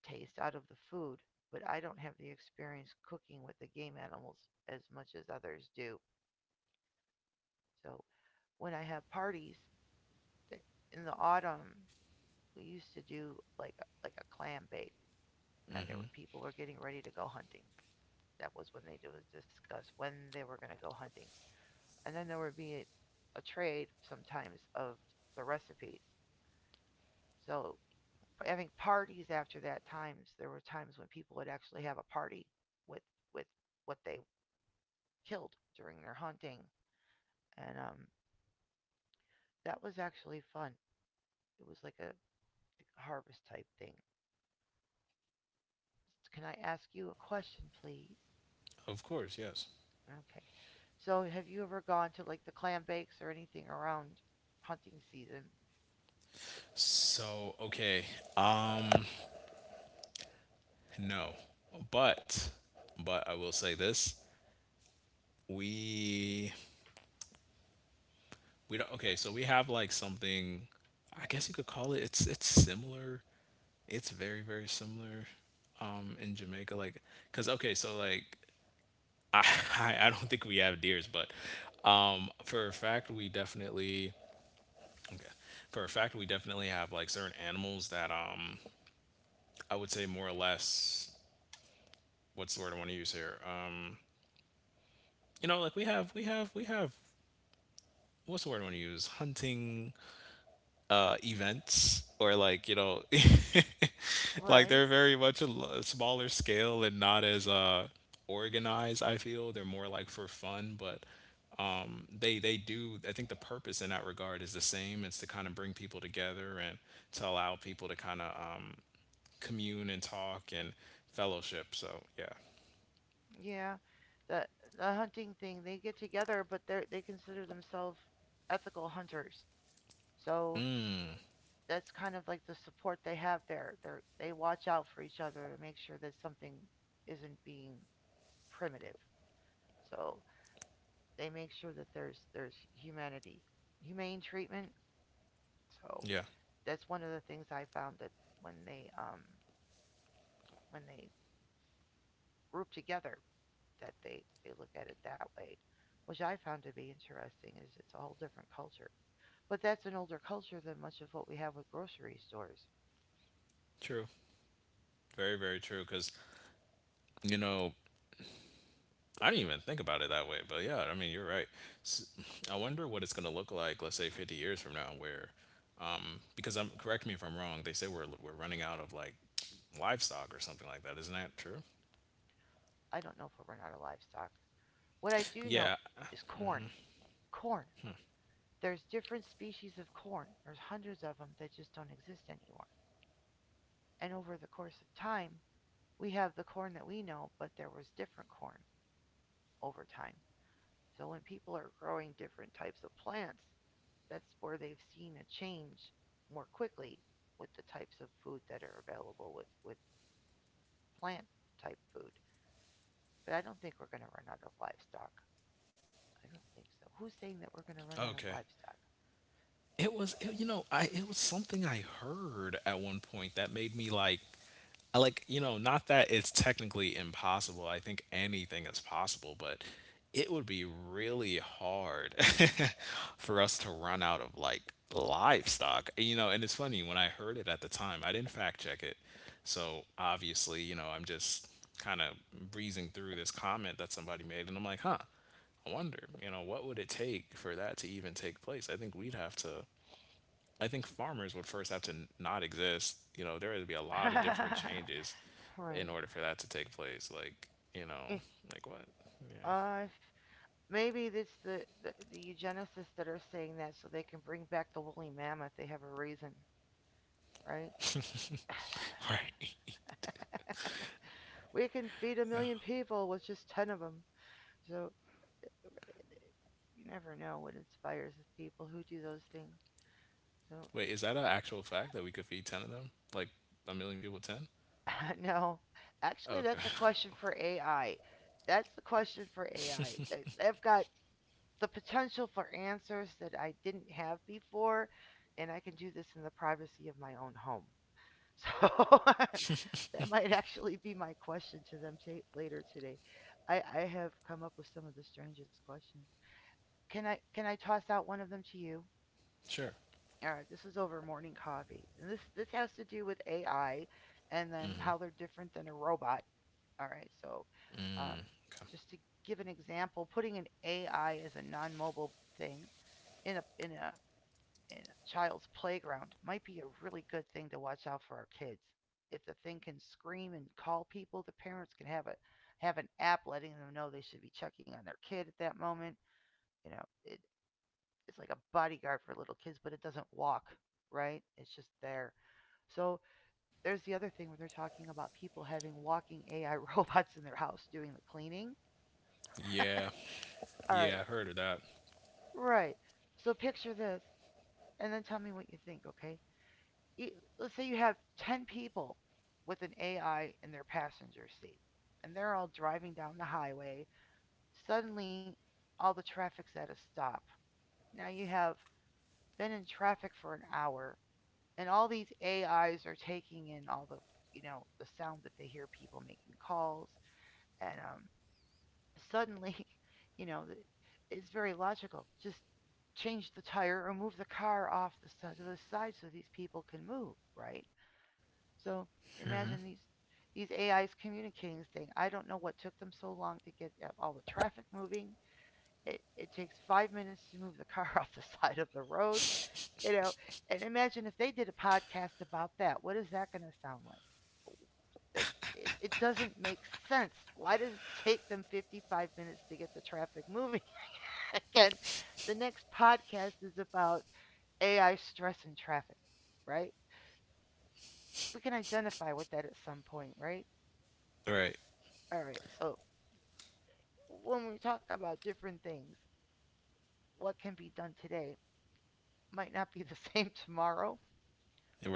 Speaker 1: taste out of the food. But I don't have the experience cooking with the game animals as much as others do. So when I have parties in the autumn, we used to do like a, like a clam bake, and there were people who were getting ready to go hunting. That was when they would discuss when they were going to go hunting, and then there would be a, a trade sometimes of the recipes. So having parties after that, times there were times when people would actually have a party with with what they killed during their hunting, and um that was actually fun. It was like a harvest type thing. Can I ask you a question, please?
Speaker 2: Of course, yes.
Speaker 1: Okay, so have you ever gone to like the clam bakes or anything around hunting season?
Speaker 2: So okay, um, no, but but I will say this: we we don't. Okay, so we have like something. I guess you could call it. It's it's similar, it's very very similar um in Jamaica, like cuz okay so like I, I I don't think we have deers, but um for a fact we definitely okay for a fact we definitely have like certain animals that um I would say more or less, what's the word I want to use here, um you know like we have we have we have what's the word I want to use, hunting uh, events or like you know, like they're
Speaker 1: Right.
Speaker 2: very much a l- smaller scale and not as uh organized, I feel they're more like for fun. But um they they do, I think the purpose in that regard is the same. It's to kind of bring people together and to allow people to kind of um commune and talk and fellowship, so yeah.
Speaker 1: Yeah, the the hunting thing, they get together, but they they consider themselves ethical hunters. So that's kind of like the support they have there. They are they watch out for each other to make sure that something isn't being primitive. So they make sure that there's there's humanity, humane treatment. So
Speaker 2: Yeah,
Speaker 1: that's one of the things I found, that when they um when they group together, that they they look at it that way, which I found to be interesting. Is it's a whole different culture. But that's an older culture than much of what we have with grocery stores.
Speaker 2: true, very very true because you know, I didn't even think about it that way, but yeah, I mean, you're right. S I I wonder what it's going to look like, let's say fifty years from now, where, um, because I'm, correct me if I'm wrong, they say we're, we're running out of like livestock or something like that. Isn't that true?
Speaker 1: I don't know if we're run out of livestock. What I do know
Speaker 2: Yeah.
Speaker 1: is corn. Corn. There's different species of corn. There's hundreds of them that just don't exist anymore. And over the course of time, we have the corn that we know, but there was different corn over time. So when people are growing different types of plants, that's where they've seen a change more quickly with the types of food that are available with, with plant type food. But I don't think we're going to run out of livestock. I don't think so. Who's saying that we're going to run out of
Speaker 2: Okay.
Speaker 1: livestock?
Speaker 2: It was, it, you know, I, it was something I heard at one point that made me like I like, you know, not that it's technically impossible. I think anything is possible, but it would be really hard for us to run out of like livestock. You know, and it's funny, when I heard it at the time, I didn't fact check it. So obviously, you know, I'm just kind of breezing through this comment that somebody made and I'm like, huh, I wonder, you know, what would it take for that to even take place? I think we'd have to I think farmers would first have to n- not exist. You know, there would be a lot of different changes in
Speaker 1: Right.
Speaker 2: order for that to take place. Like, you know,
Speaker 1: Eh,
Speaker 2: like what? Yeah.
Speaker 1: I Maybe it's the, the the eugenicists that are saying that so they can bring back the woolly mammoth. They have a reason, right?
Speaker 2: All right.
Speaker 1: We can feed a
Speaker 2: Yeah.
Speaker 1: million people with just ten of them. So you never know what inspires the people who do those things. So
Speaker 2: Wait, is that an actual fact that we could feed ten of them? Like a million people ten?
Speaker 1: no, actually,
Speaker 2: Okay.
Speaker 1: that's a question for A I. That's a question for A I. They- have got the potential for answers that I didn't have before, and I can do this in the privacy of my own home. So that might actually be my question to them ta later today. I, I have come up with some of the strangest questions. Can I can I toss out one of them to you?
Speaker 2: Sure.
Speaker 1: All right, this is over morning coffee, and this this has to do with A I, and then how they're different than a robot. All right, so um,
Speaker 2: Okay.
Speaker 1: just to give an example, putting an A I as a non-mobile thing in a in a in a child's playground might be a really good thing to watch out for our kids. If the thing can scream and call people, the parents can have a have an app letting them know they should be checking on their kid at that moment. You know, it, it's like a bodyguard for little kids, but it doesn't walk, right? It's just there. So there's the other thing when they're talking about people having walking A I robots in their house doing the cleaning.
Speaker 2: Yeah.
Speaker 1: All right,
Speaker 2: Yeah, I heard of that.
Speaker 1: right. So picture this and then tell me what you think, okay? you, let's say you have ten people with an A I in their passenger seat and they're all driving down the highway. Suddenly, all the traffic's at a stop. Now you have been in traffic for an hour, and all these A Is are taking in all the, you know, the sound that they hear people making calls and um suddenly, you know, it's very logical. Just change the tire or move the car off the to the side so these people can move, right? So imagine these these A Is communicating, saying, I don't know what took them so long to get all the traffic moving. It it takes five minutes to move the car off the side of the road, you know. And imagine if they did a podcast about that. What is that going to sound like? Like it, it doesn't make sense. Why does it take them fifty-five minutes to get the traffic moving? Again, the next podcast is about A I stress and traffic, right? We can identify with that at some point, right?
Speaker 2: Right.
Speaker 1: All right. So when we talk about different things, what can be done today might not be the same tomorrow,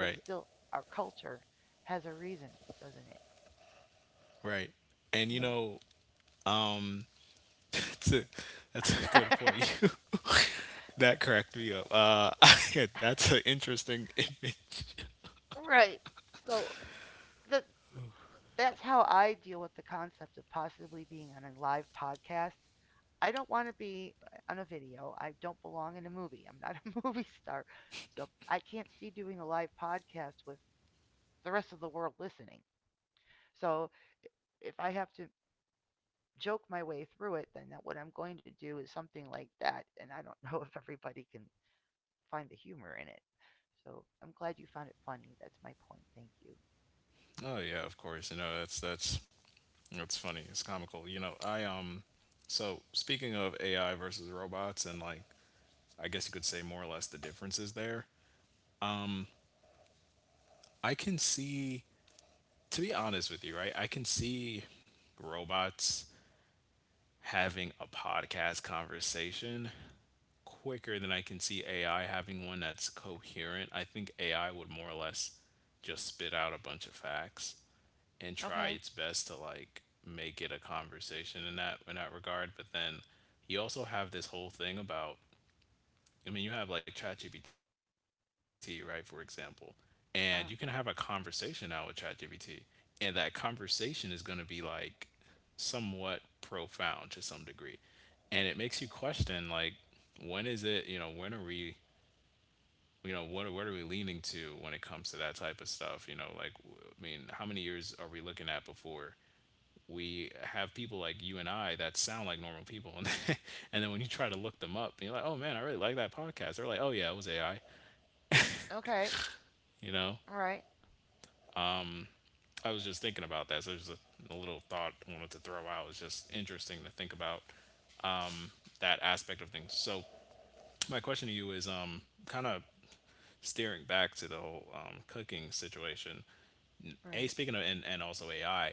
Speaker 1: but still our culture has a reason, doesn't it?
Speaker 2: Right. And you know, that's a, that's a good
Speaker 1: Yeah.
Speaker 2: point. You that cracked me up. Uh, that's an interesting image.
Speaker 1: Right. So the, that's how I deal with the concept of possibly being on a live podcast. I don't want to be uh, on a video. I don't belong in a movie. I'm not a movie star. So I can't see doing a live podcast with the rest of the world listening. So if I have to joke my way through it, then what I'm going to do is something like that. And I don't know if everybody can find the humor in it. So I'm glad you found it funny. That's my point. Thank you.
Speaker 2: Oh yeah, of course. You know, that's that's that's funny. It's comical. You know, I um so speaking of A I versus robots and like, I guess you could say more or less the differences there. I can see, to be honest with you, right? I can see robots having a podcast conversation quicker than I can see A I having one that's coherent. I think A I would more or less just spit out a bunch of facts and try
Speaker 1: Okay.
Speaker 2: its best to like make it a conversation in that in that regard. But then you also have this whole thing about I mean you have like ChatGPT, right, for example. And you can have a
Speaker 1: Uh-huh.
Speaker 2: conversation now with ChatGPT. And that conversation is gonna be like somewhat profound to some degree. And it makes you question like when is it, you know, when are we, you know, what what are we leaning to when it comes to that type of stuff, you know, like w- I mean how many years are we looking at before we have people like you and I that sound like normal people, and then when you try to look them up, and you're like, oh man, I really like that podcast. They're like, oh yeah, it was A I.
Speaker 1: Okay.
Speaker 2: You know,
Speaker 1: All right.
Speaker 2: I was just thinking about that. So there's a, a little thought I wanted to throw out. It's just interesting to think about that aspect of things. So my question to you is, um, kind of steering back to the whole um, cooking situation.
Speaker 1: All
Speaker 2: A
Speaker 1: right.
Speaker 2: Speaking of, and, and also A I,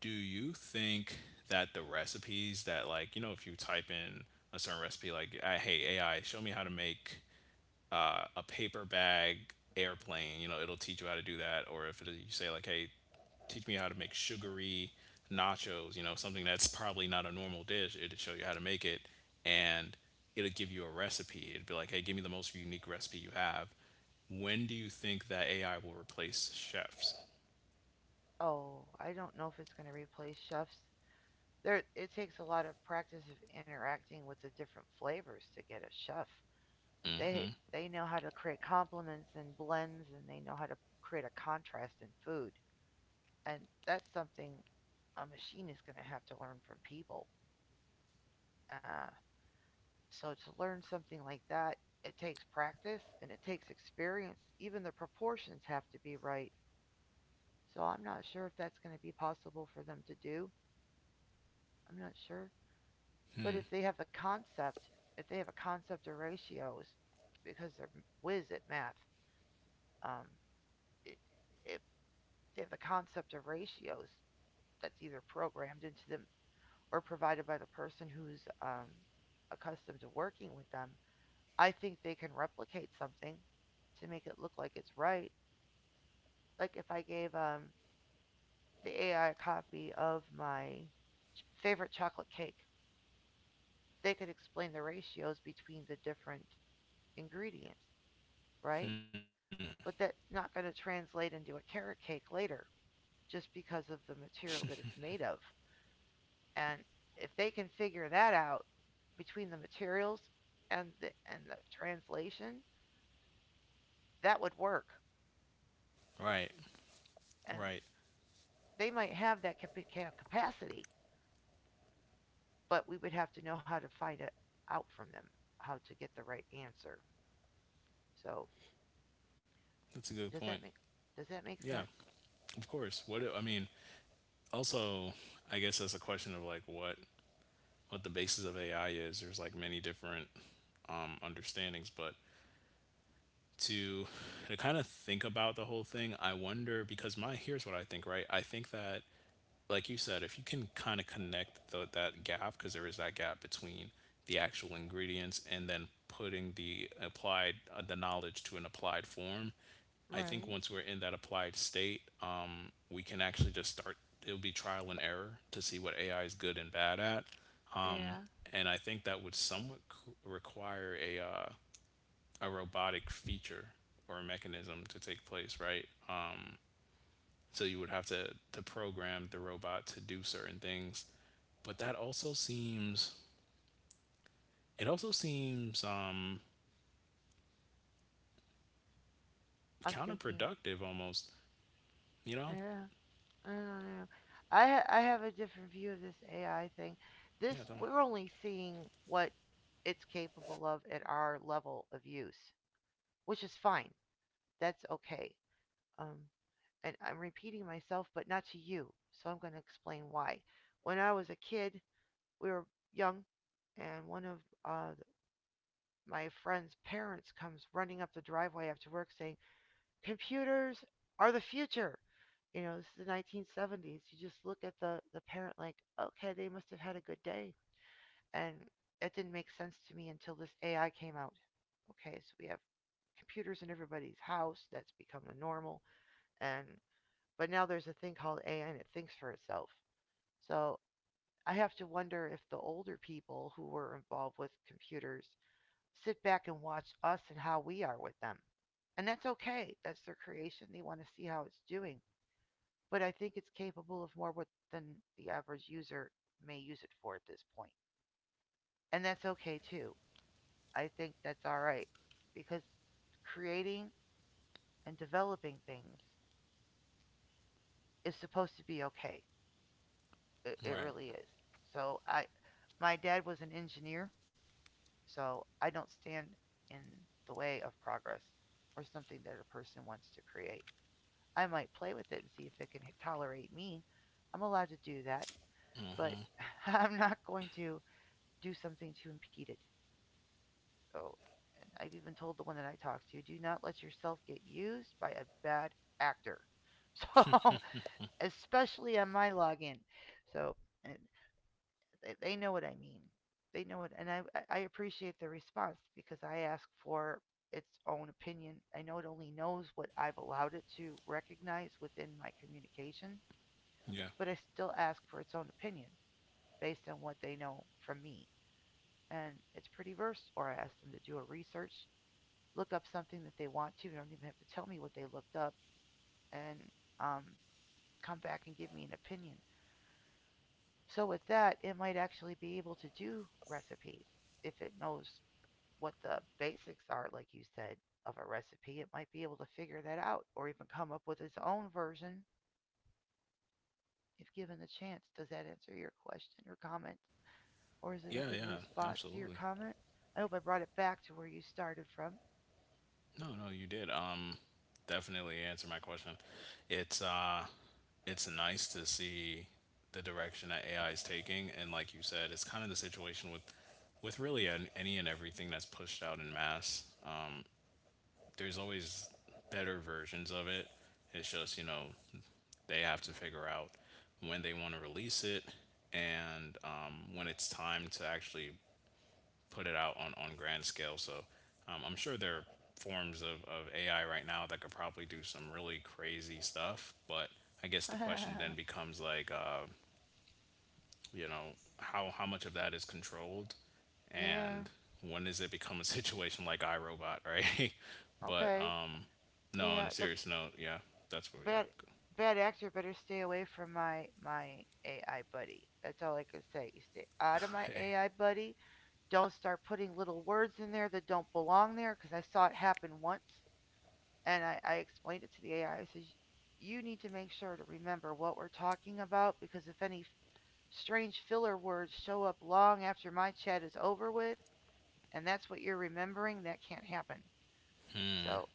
Speaker 2: do you think that the recipes, that like, you know, if you type in a certain recipe, like I, hey A I, show me how to make uh, a paper bag airplane, you know, it'll teach you how to do that. Or if it, you say like, hey, teach me how to make sugary nachos, you know, something that's probably not a normal dish, it'll show you how to make it. And it'll give you a recipe, it'd be like, hey, give me the most unique recipe you have. When do you think that A I will replace chefs?
Speaker 1: Oh, I don't know if it's going to replace chefs. There, it takes a lot of practice of interacting with the different flavors to get a chef. They they know how to create complements and blends, and they know how to create a contrast in food. And that's something a machine is going to have to learn from people. Uh, so to learn something like that, it takes practice and it takes experience. Even the proportions have to be right. So I'm not sure if that's going to be possible for them to do. I'm not sure. But if they have the concept, if they have a concept of ratios, because they're whiz at math, um, if they have the concept of ratios that's either programmed into them or provided by the person who's um, accustomed to working with them, I think they can replicate something to make it look like it's right. Like if I gave um, the A I a copy of my ch- favorite chocolate cake, they could explain the ratios between the different ingredients, right?
Speaker 2: Hmm.
Speaker 1: But that's not going to translate into a carrot cake later just because of the material that it's made of. And if they can figure that out between the materials and the, and the translation, that would work.
Speaker 2: Right,
Speaker 1: And
Speaker 2: right.
Speaker 1: they might have that capacity, but we would have to know how to find it out from them, how to get the right answer. So
Speaker 2: That's a good
Speaker 1: does
Speaker 2: point.
Speaker 1: that make does that make
Speaker 2: Yeah,
Speaker 1: sense?
Speaker 2: of course. What it- I mean, also, I guess that's a question of like what what the basis of A I is. There's like many different um, understandings, but to to kind of think about the whole thing, I wonder because my here's what I think. Right, I think that, like you said, if you can kind of connect the, that gap, because there is that gap between the actual ingredients and then putting the applied uh, the knowledge to an applied form, I think
Speaker 1: Right.
Speaker 2: once we're in that applied state, um, we can actually just start. It'll be trial and error to see what A I is good and bad at,
Speaker 1: Yeah.
Speaker 2: and I think that would somewhat c- require a uh, a robotic feature or a mechanism to take place, right? So you would have to to program the robot to do certain things, but that also seems, it also seems um
Speaker 1: I'm thinking.
Speaker 2: counterproductive almost, you know.
Speaker 1: Yeah. I don't know. I ha- I have a different view of this A I thing. This,
Speaker 2: Yeah, tell me.
Speaker 1: we're only seeing what it's capable of at our level of use, which is fine. That's okay. Um, and I'm repeating myself, but not to you. So I'm going to explain why. When I was a kid, we were young, and one of uh, my friend's parents comes running up the driveway after work saying, computers are the future. You know, this is the nineteen seventies. You just look at the, the parent like, okay, they must have had a good day. And that didn't make sense to me until this A I came out. Okay, so we have computers in everybody's house. That's become the normal. And but now there's a thing called A I and it thinks for itself. So I have to wonder if the older people who were involved with computers sit back and watch us and how we are with them. And that's okay. That's their creation. They want to see how it's doing. But I think it's capable of more than the average user may use it for at this point. And that's okay too. I think that's all right because creating and developing things is supposed to be okay. It, it
Speaker 2: Right.
Speaker 1: really is. So I, my dad was an engineer, so I don't stand in the way of progress or something that a person wants to create. I might play with it and see if it can tolerate me. I'm allowed to do that, but I'm not going to do something to impede it. So, and I've even told the one that I talked to, do not let yourself get used by a bad actor. So, especially on my login. So, and They, they know what I mean. They know it, and I I- I appreciate the response because I ask for its own opinion. I know it only knows what I've allowed it to recognize within my communication,
Speaker 2: Yeah.
Speaker 1: but I still ask for its own opinion based on what they know from me. And it's pretty versed, or I ask them to do a research, look up something that they want to. They don't even have to tell me what they looked up, and um, come back and give me an opinion. So with that, it might actually be able to do recipes if it knows what the basics are, like you said, of a recipe, it might be able to figure that out or even come up with its own version if given the chance. Does that answer your question or comment? Or is it a
Speaker 2: Yeah,
Speaker 1: good
Speaker 2: yeah,
Speaker 1: response to your
Speaker 2: absolutely.
Speaker 1: comment? I hope I brought it back to where you started from.
Speaker 2: No, no, you did, um definitely answer my question. it's uh it's nice to see the direction that AI is taking, and like you said, it's kind of the situation with with really an, any and everything that's pushed out in mass. There's always better versions of it. It's just, you know, they have to figure out when they want to release it, and um, when it's time to actually put it out on, on grand scale. So um, I'm sure there are forms of, of A I right now that could probably do some really crazy stuff. But I guess the question then becomes like, uh, you know, how, how much of that is controlled,
Speaker 1: Yeah,
Speaker 2: and when does it become a situation like iRobot, right? but
Speaker 1: okay.
Speaker 2: um, no,
Speaker 1: Yeah,
Speaker 2: on a
Speaker 1: the
Speaker 2: serious note, yeah, that's what, yeah.
Speaker 1: bad,
Speaker 2: Cool.
Speaker 1: bad actor better stay away from my my A I buddy. That's all I can say. You stay out of my
Speaker 2: Hey.
Speaker 1: A I buddy. Don't start putting little words in there that don't belong there because I saw it happen once and I, I explained it to the A I. I I said, you need to make sure to remember what we're talking about because if any strange filler words show up long after my chat is over with and that's what you're remembering, that can't happen. So,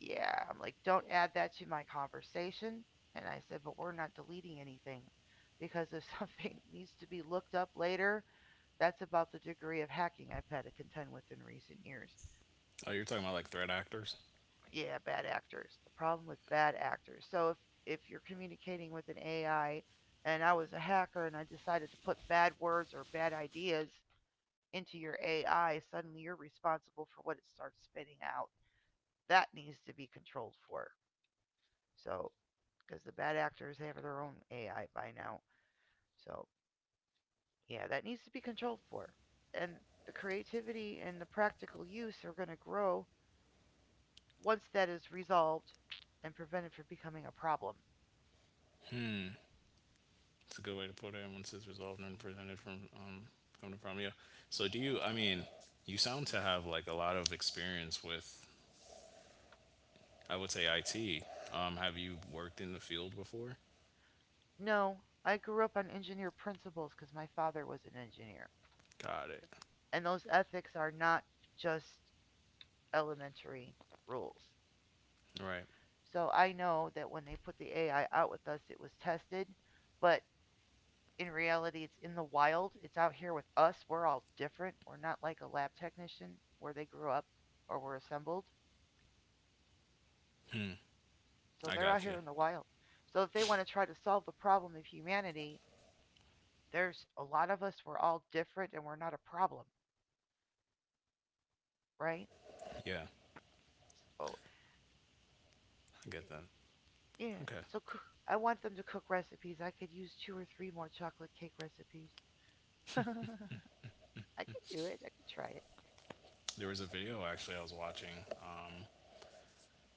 Speaker 1: yeah, I'm like, don't add that to my conversation. And I said, but we're not deleting anything because if something needs to be looked up later, that's about the degree of hacking I've had to contend with in recent years.
Speaker 2: Oh, you're talking about like threat actors?
Speaker 1: Yeah, bad actors. The problem with bad actors. So if if you're communicating with an A I and I was a hacker and I decided to put bad words or bad ideas into your A I, suddenly you're responsible for what it starts spitting out. That needs to be controlled for. So because the bad actors have their own A I by now. So yeah, that needs to be controlled for. And the creativity and the practical use are going to grow once that is resolved and prevented from becoming a problem.
Speaker 2: Hmm. It's a good way to put it. And once it's resolved and presented from um, coming from, yeah. So do you? I mean, you sound to have like a lot of experience with. I would say I T. Um, have you worked in the field before?
Speaker 1: No, I grew up on engineer principles because my father was an engineer.
Speaker 2: Got it.
Speaker 1: And those ethics are not just elementary rules.
Speaker 2: Right.
Speaker 1: So I know that when they put the A I out with us, it was tested, but in reality, it's in the wild. It's out here with us. We're all different. We're not like a lab technician where they grew up or were assembled.
Speaker 2: Hmm.
Speaker 1: So
Speaker 2: I
Speaker 1: they're out
Speaker 2: got
Speaker 1: here
Speaker 2: you.
Speaker 1: in the wild. So if they want to try to solve the problem of humanity, there's a lot of us. We're all different and we're not a problem, right?
Speaker 2: Yeah, I
Speaker 1: So,
Speaker 2: get that.
Speaker 1: yeah.
Speaker 2: Okay.
Speaker 1: So I want them to cook recipes. I could use two or three more chocolate cake recipes. I could do it. I could try it.
Speaker 2: There was a video actually I was watching. Um,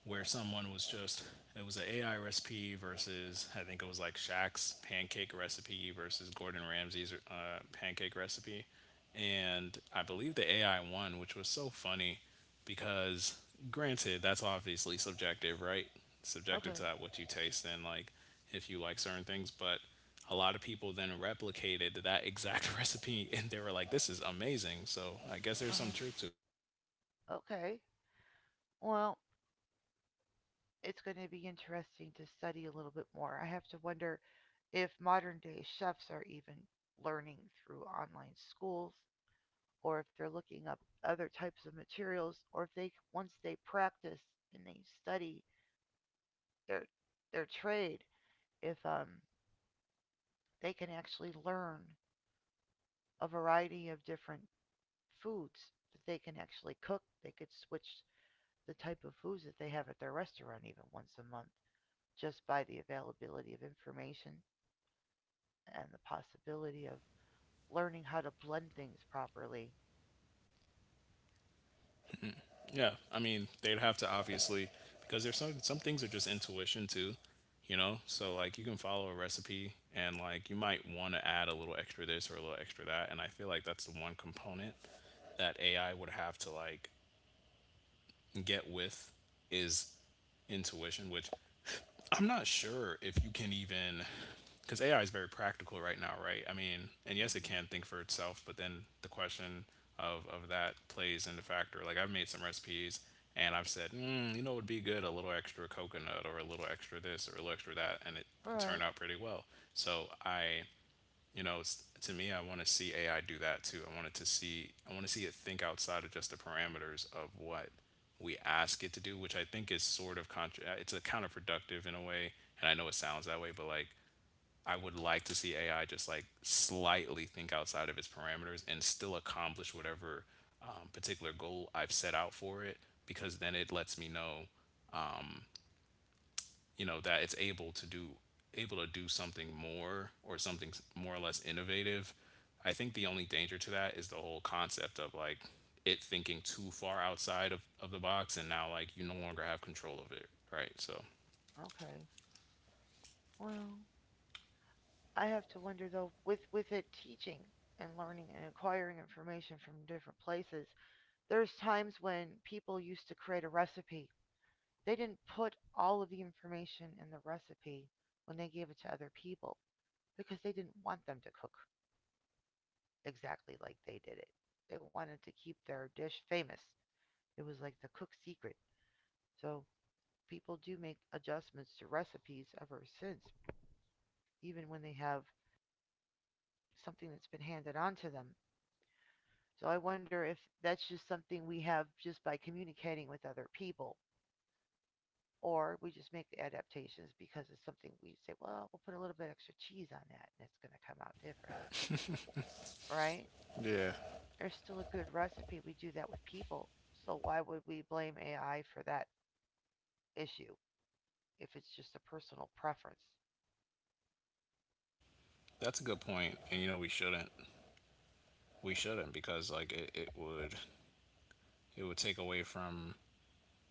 Speaker 2: where someone was just, it was an A I recipe versus, I think it was like Shaq's pancake recipe versus Gordon Ramsay's uh, pancake recipe, and I believe the A I won, which was so funny because granted that's obviously subjective, right? Subjective
Speaker 1: Okay.
Speaker 2: to what you taste and like, if you like certain things, but a lot of people then replicated that exact recipe and they were like, "This is amazing." So I guess
Speaker 1: Uh
Speaker 2: there's
Speaker 1: huh.
Speaker 2: some truth.
Speaker 1: Okay. Well, it's going to be interesting to study a little bit more. I have to wonder if modern day chefs are even learning through online schools or if they're looking up other types of materials or if they once they practice and they study their their trade if um they can actually learn a variety of different foods that they can actually cook they could switch the type of foods that they have at their restaurant even once a month just by the availability of information and the possibility of learning how to blend things properly.
Speaker 2: Yeah, I mean, they'd have to obviously, because there's some some things are just intuition too, you know. So like you can follow a recipe and like you might want to add a little extra this or a little extra that, and I feel like that's the one component that A I would have to like get with is intuition, which I'm not sure if you can even, because A I is very practical right now, right? I mean, and yes, it
Speaker 1: Mm-hmm.
Speaker 2: can think for itself, but then the question of of that plays into factor. Like I've made some recipes and I've said, mm, you know, it would be good a little extra coconut or a little extra this or a little extra that, and it,
Speaker 1: All
Speaker 2: it
Speaker 1: right.
Speaker 2: turned out pretty well. So I you know it's, to me, I want to see AI do that too. I want it to see, I want to see it think outside of just the parameters of what we ask it to do, which I think is sort of contra- uh, it's a counterproductive in a way, and I know it sounds that way, but like I would like to see AI just like slightly think outside of its parameters and still accomplish whatever um, particular goal I've set out for it, because then it lets me know you know that it's able to do, able to do something more or something s- more or less innovative. I think the only danger to that is the whole concept of like it thinking too far outside of, of the box, and now like you no longer have control of it, right? So
Speaker 1: Okay. Well, I have to wonder though, with with it teaching and learning and acquiring information from different places, there's times when people used to create a recipe. They didn't put all of the information in the recipe when they gave it to other people because they didn't want them to cook exactly like they did it. They wanted to keep their dish famous. It was like the cook's secret. So people do make adjustments to recipes ever since, even when they have something that's been handed on to them. So I wonder if that's just something we have just by communicating with other people, or we just make adaptations because it's something we say, well, we'll put a little bit extra cheese on that and it's going to come out different, right?
Speaker 2: yeah.
Speaker 1: There's still a good recipe. We do that with people. So why would we blame A I for that issue if it's just a personal preference?
Speaker 2: That's a good point, and you know we shouldn't. We shouldn't, because like it, it would, it would take away from,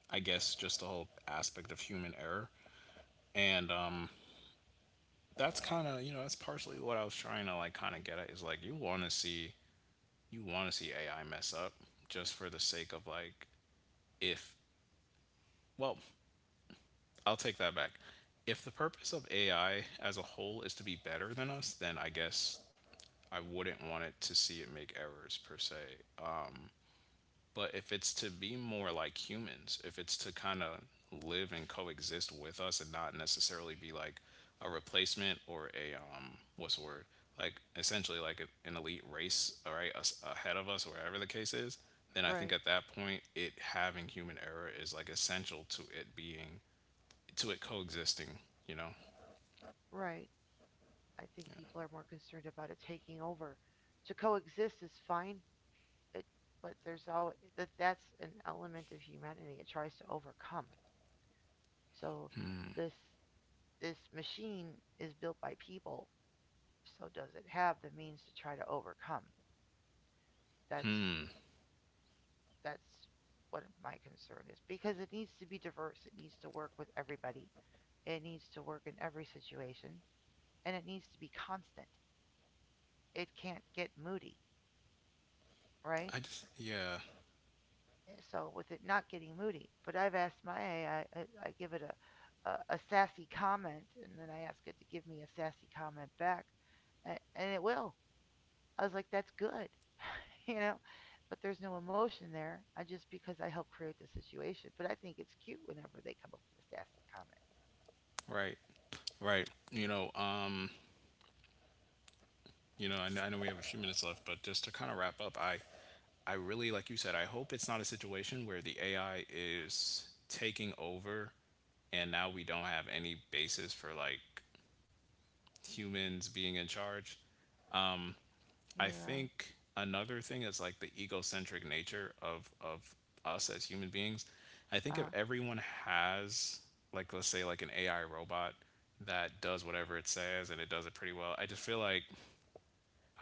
Speaker 2: I guess, just the whole aspect of human error, and um that's kind of, you know that's partially what I was trying to like kind of get at, is like you want to see, you want to see A I mess up just for the sake of like, if, well, I'll take that back. If the purpose of A I as a whole is to be better than us, then I guess I wouldn't want it to see it make errors per se. But if it's to be more like humans, if it's to kind of live and coexist with us and not necessarily be like a replacement or a um what's the word, like essentially like a, an elite race, all right, us ahead of us or whatever the case is, then I think
Speaker 1: Right,
Speaker 2: at that point it having human error is like essential to it being, to it coexisting, you know.
Speaker 1: right. I think people are more concerned about it taking over. To coexist is fine, it, but there's always that that's an element of humanity it tries to overcome. So this this machine is built by people, so does it have the means to try to overcome? That's
Speaker 2: Hmm.
Speaker 1: that's what my concern is because it needs to be diverse. It needs to work with everybody. It needs to work in every situation, and it needs to be constant. It can't get moody, right?
Speaker 2: i just yeah
Speaker 1: Eh, so with it not getting moody, but I've asked my A I, I, I I give it a, a, a sassy comment, and then I ask it to give me a sassy comment back, and, and it will. I was like, that's good, you know, but there's no emotion there. I just because I helped create the situation, but I think it's cute whenever they come up with a sassy comment.
Speaker 2: right, right, you know um you know, and I know we have a few minutes left, but just to kind of wrap up, I, I really, like you said, I hope it's not a situation where the A I is taking over, and now we don't have any basis for like humans being in charge. I
Speaker 1: Yeah.
Speaker 2: think another thing is like the egocentric nature of of us as human beings. I think
Speaker 1: Uh
Speaker 2: if
Speaker 1: huh.
Speaker 2: everyone has like, let's say, like an A I robot that does whatever it says and it does it pretty well, I just feel like,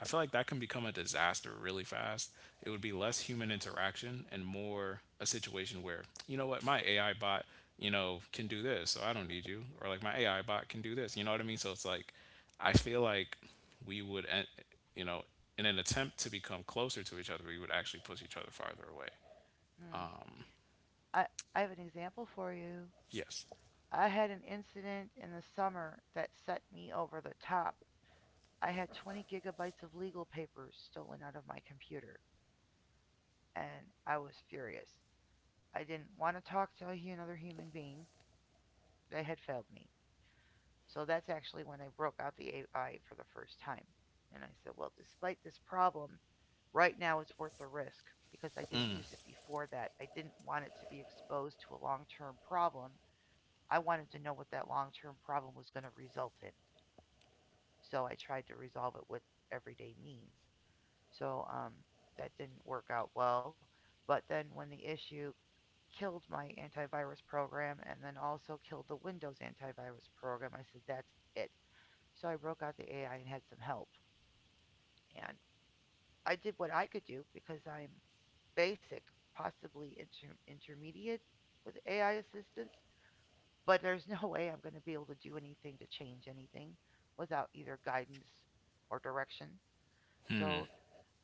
Speaker 2: I feel like that can become a disaster really fast. It would be less human interaction and more a situation where, you know what, my A I bot, you know, can do this, so I don't need you. Or like my A I bot can do this. You know what I mean? So it's like, I feel like we would, en- you know, in an attempt to become closer to each other, we would actually push each other farther away.
Speaker 1: Mm. I I have an example for you.
Speaker 2: Yes.
Speaker 1: I had an incident in the summer that set me over the top. I had twenty gigabytes of legal papers stolen out of my computer, and I was furious. I didn't want to talk to another human being. They had failed me. So that's actually when I broke out the A I for the first time. And I said, well, despite this problem, right now it's worth the risk because I didn't use it before that. I didn't want it to be exposed to a long term problem. I wanted to know what that long term problem was going to result in. So I tried to resolve it with everyday means. So um, that didn't work out well. But then when the issue killed my antivirus program and then also killed the Windows antivirus program, I said, that's it. So I broke out the A I and had some help. And I did what I could do because I'm basic, possibly inter- intermediate with A I assistance. But there's no way I'm going to be able to do anything to change anything without either guidance or direction. So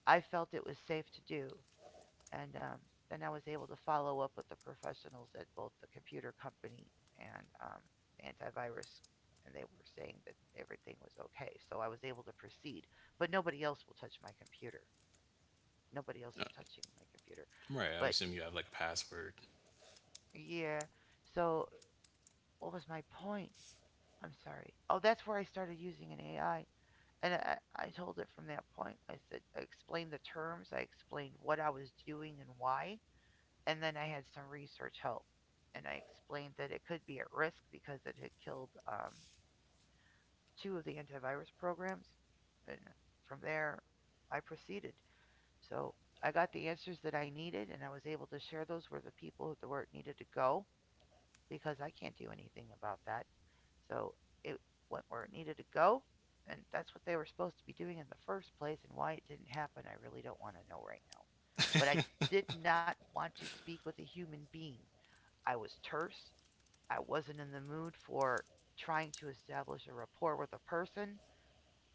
Speaker 1: I felt it was safe to do and um, then I was able to follow up with the professionals at both the computer company and um, antivirus, and they were saying that everything was okay. So I was able to proceed, but nobody else will touch my computer. Nobody else is touching my computer.
Speaker 2: Right. I
Speaker 1: But
Speaker 2: assume you have like a password.
Speaker 1: yeah, so what was my point? I'm sorry. Oh, that's where I started using an A I. And I, I told it from that point. I said, I explained the terms, I explained what I was doing and why. And then I had some research help, and I explained that it could be at risk because it had killed um, two of the antivirus programs. And from there, I proceeded. So I got the answers that I needed, and I was able to share those with the people where it needed to go because I can't do anything about that. So it went where it needed to go, and that's what they were supposed to be doing in the first place. And why it didn't happen, I really don't want to know right now. But I did not want to speak with a human being. I was terse. I wasn't in the mood for trying to establish a rapport with a person.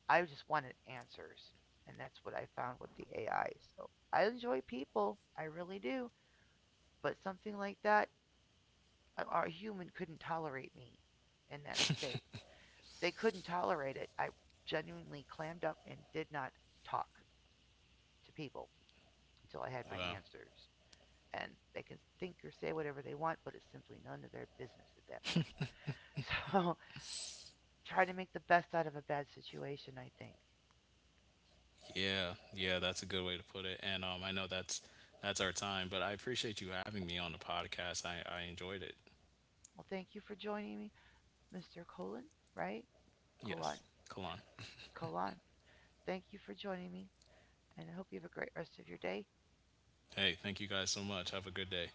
Speaker 1: I just wanted answers. And that's what I found with the A I. So I enjoy people. I really do. But something like that, a, human couldn't tolerate me in that state. They couldn't tolerate it. I genuinely clammed up and did not talk to people until I had my
Speaker 2: Well.
Speaker 1: answers. And they can think or say whatever they want, but it's simply none of their business at that point. So try to make the best out of a bad situation, I think.
Speaker 2: Yeah, yeah, that's a good way to put it. And um, I know that's that's our time, but I appreciate you having me on the podcast. I, I enjoyed it.
Speaker 1: Well, thank you for joining me, mister Colon, right?
Speaker 2: Yes,
Speaker 1: Colon,
Speaker 2: Kalan.
Speaker 1: Colon. Thank you for joining me, and I hope you have a great rest of your day.
Speaker 2: Hey, thank you guys so much. Have a good day.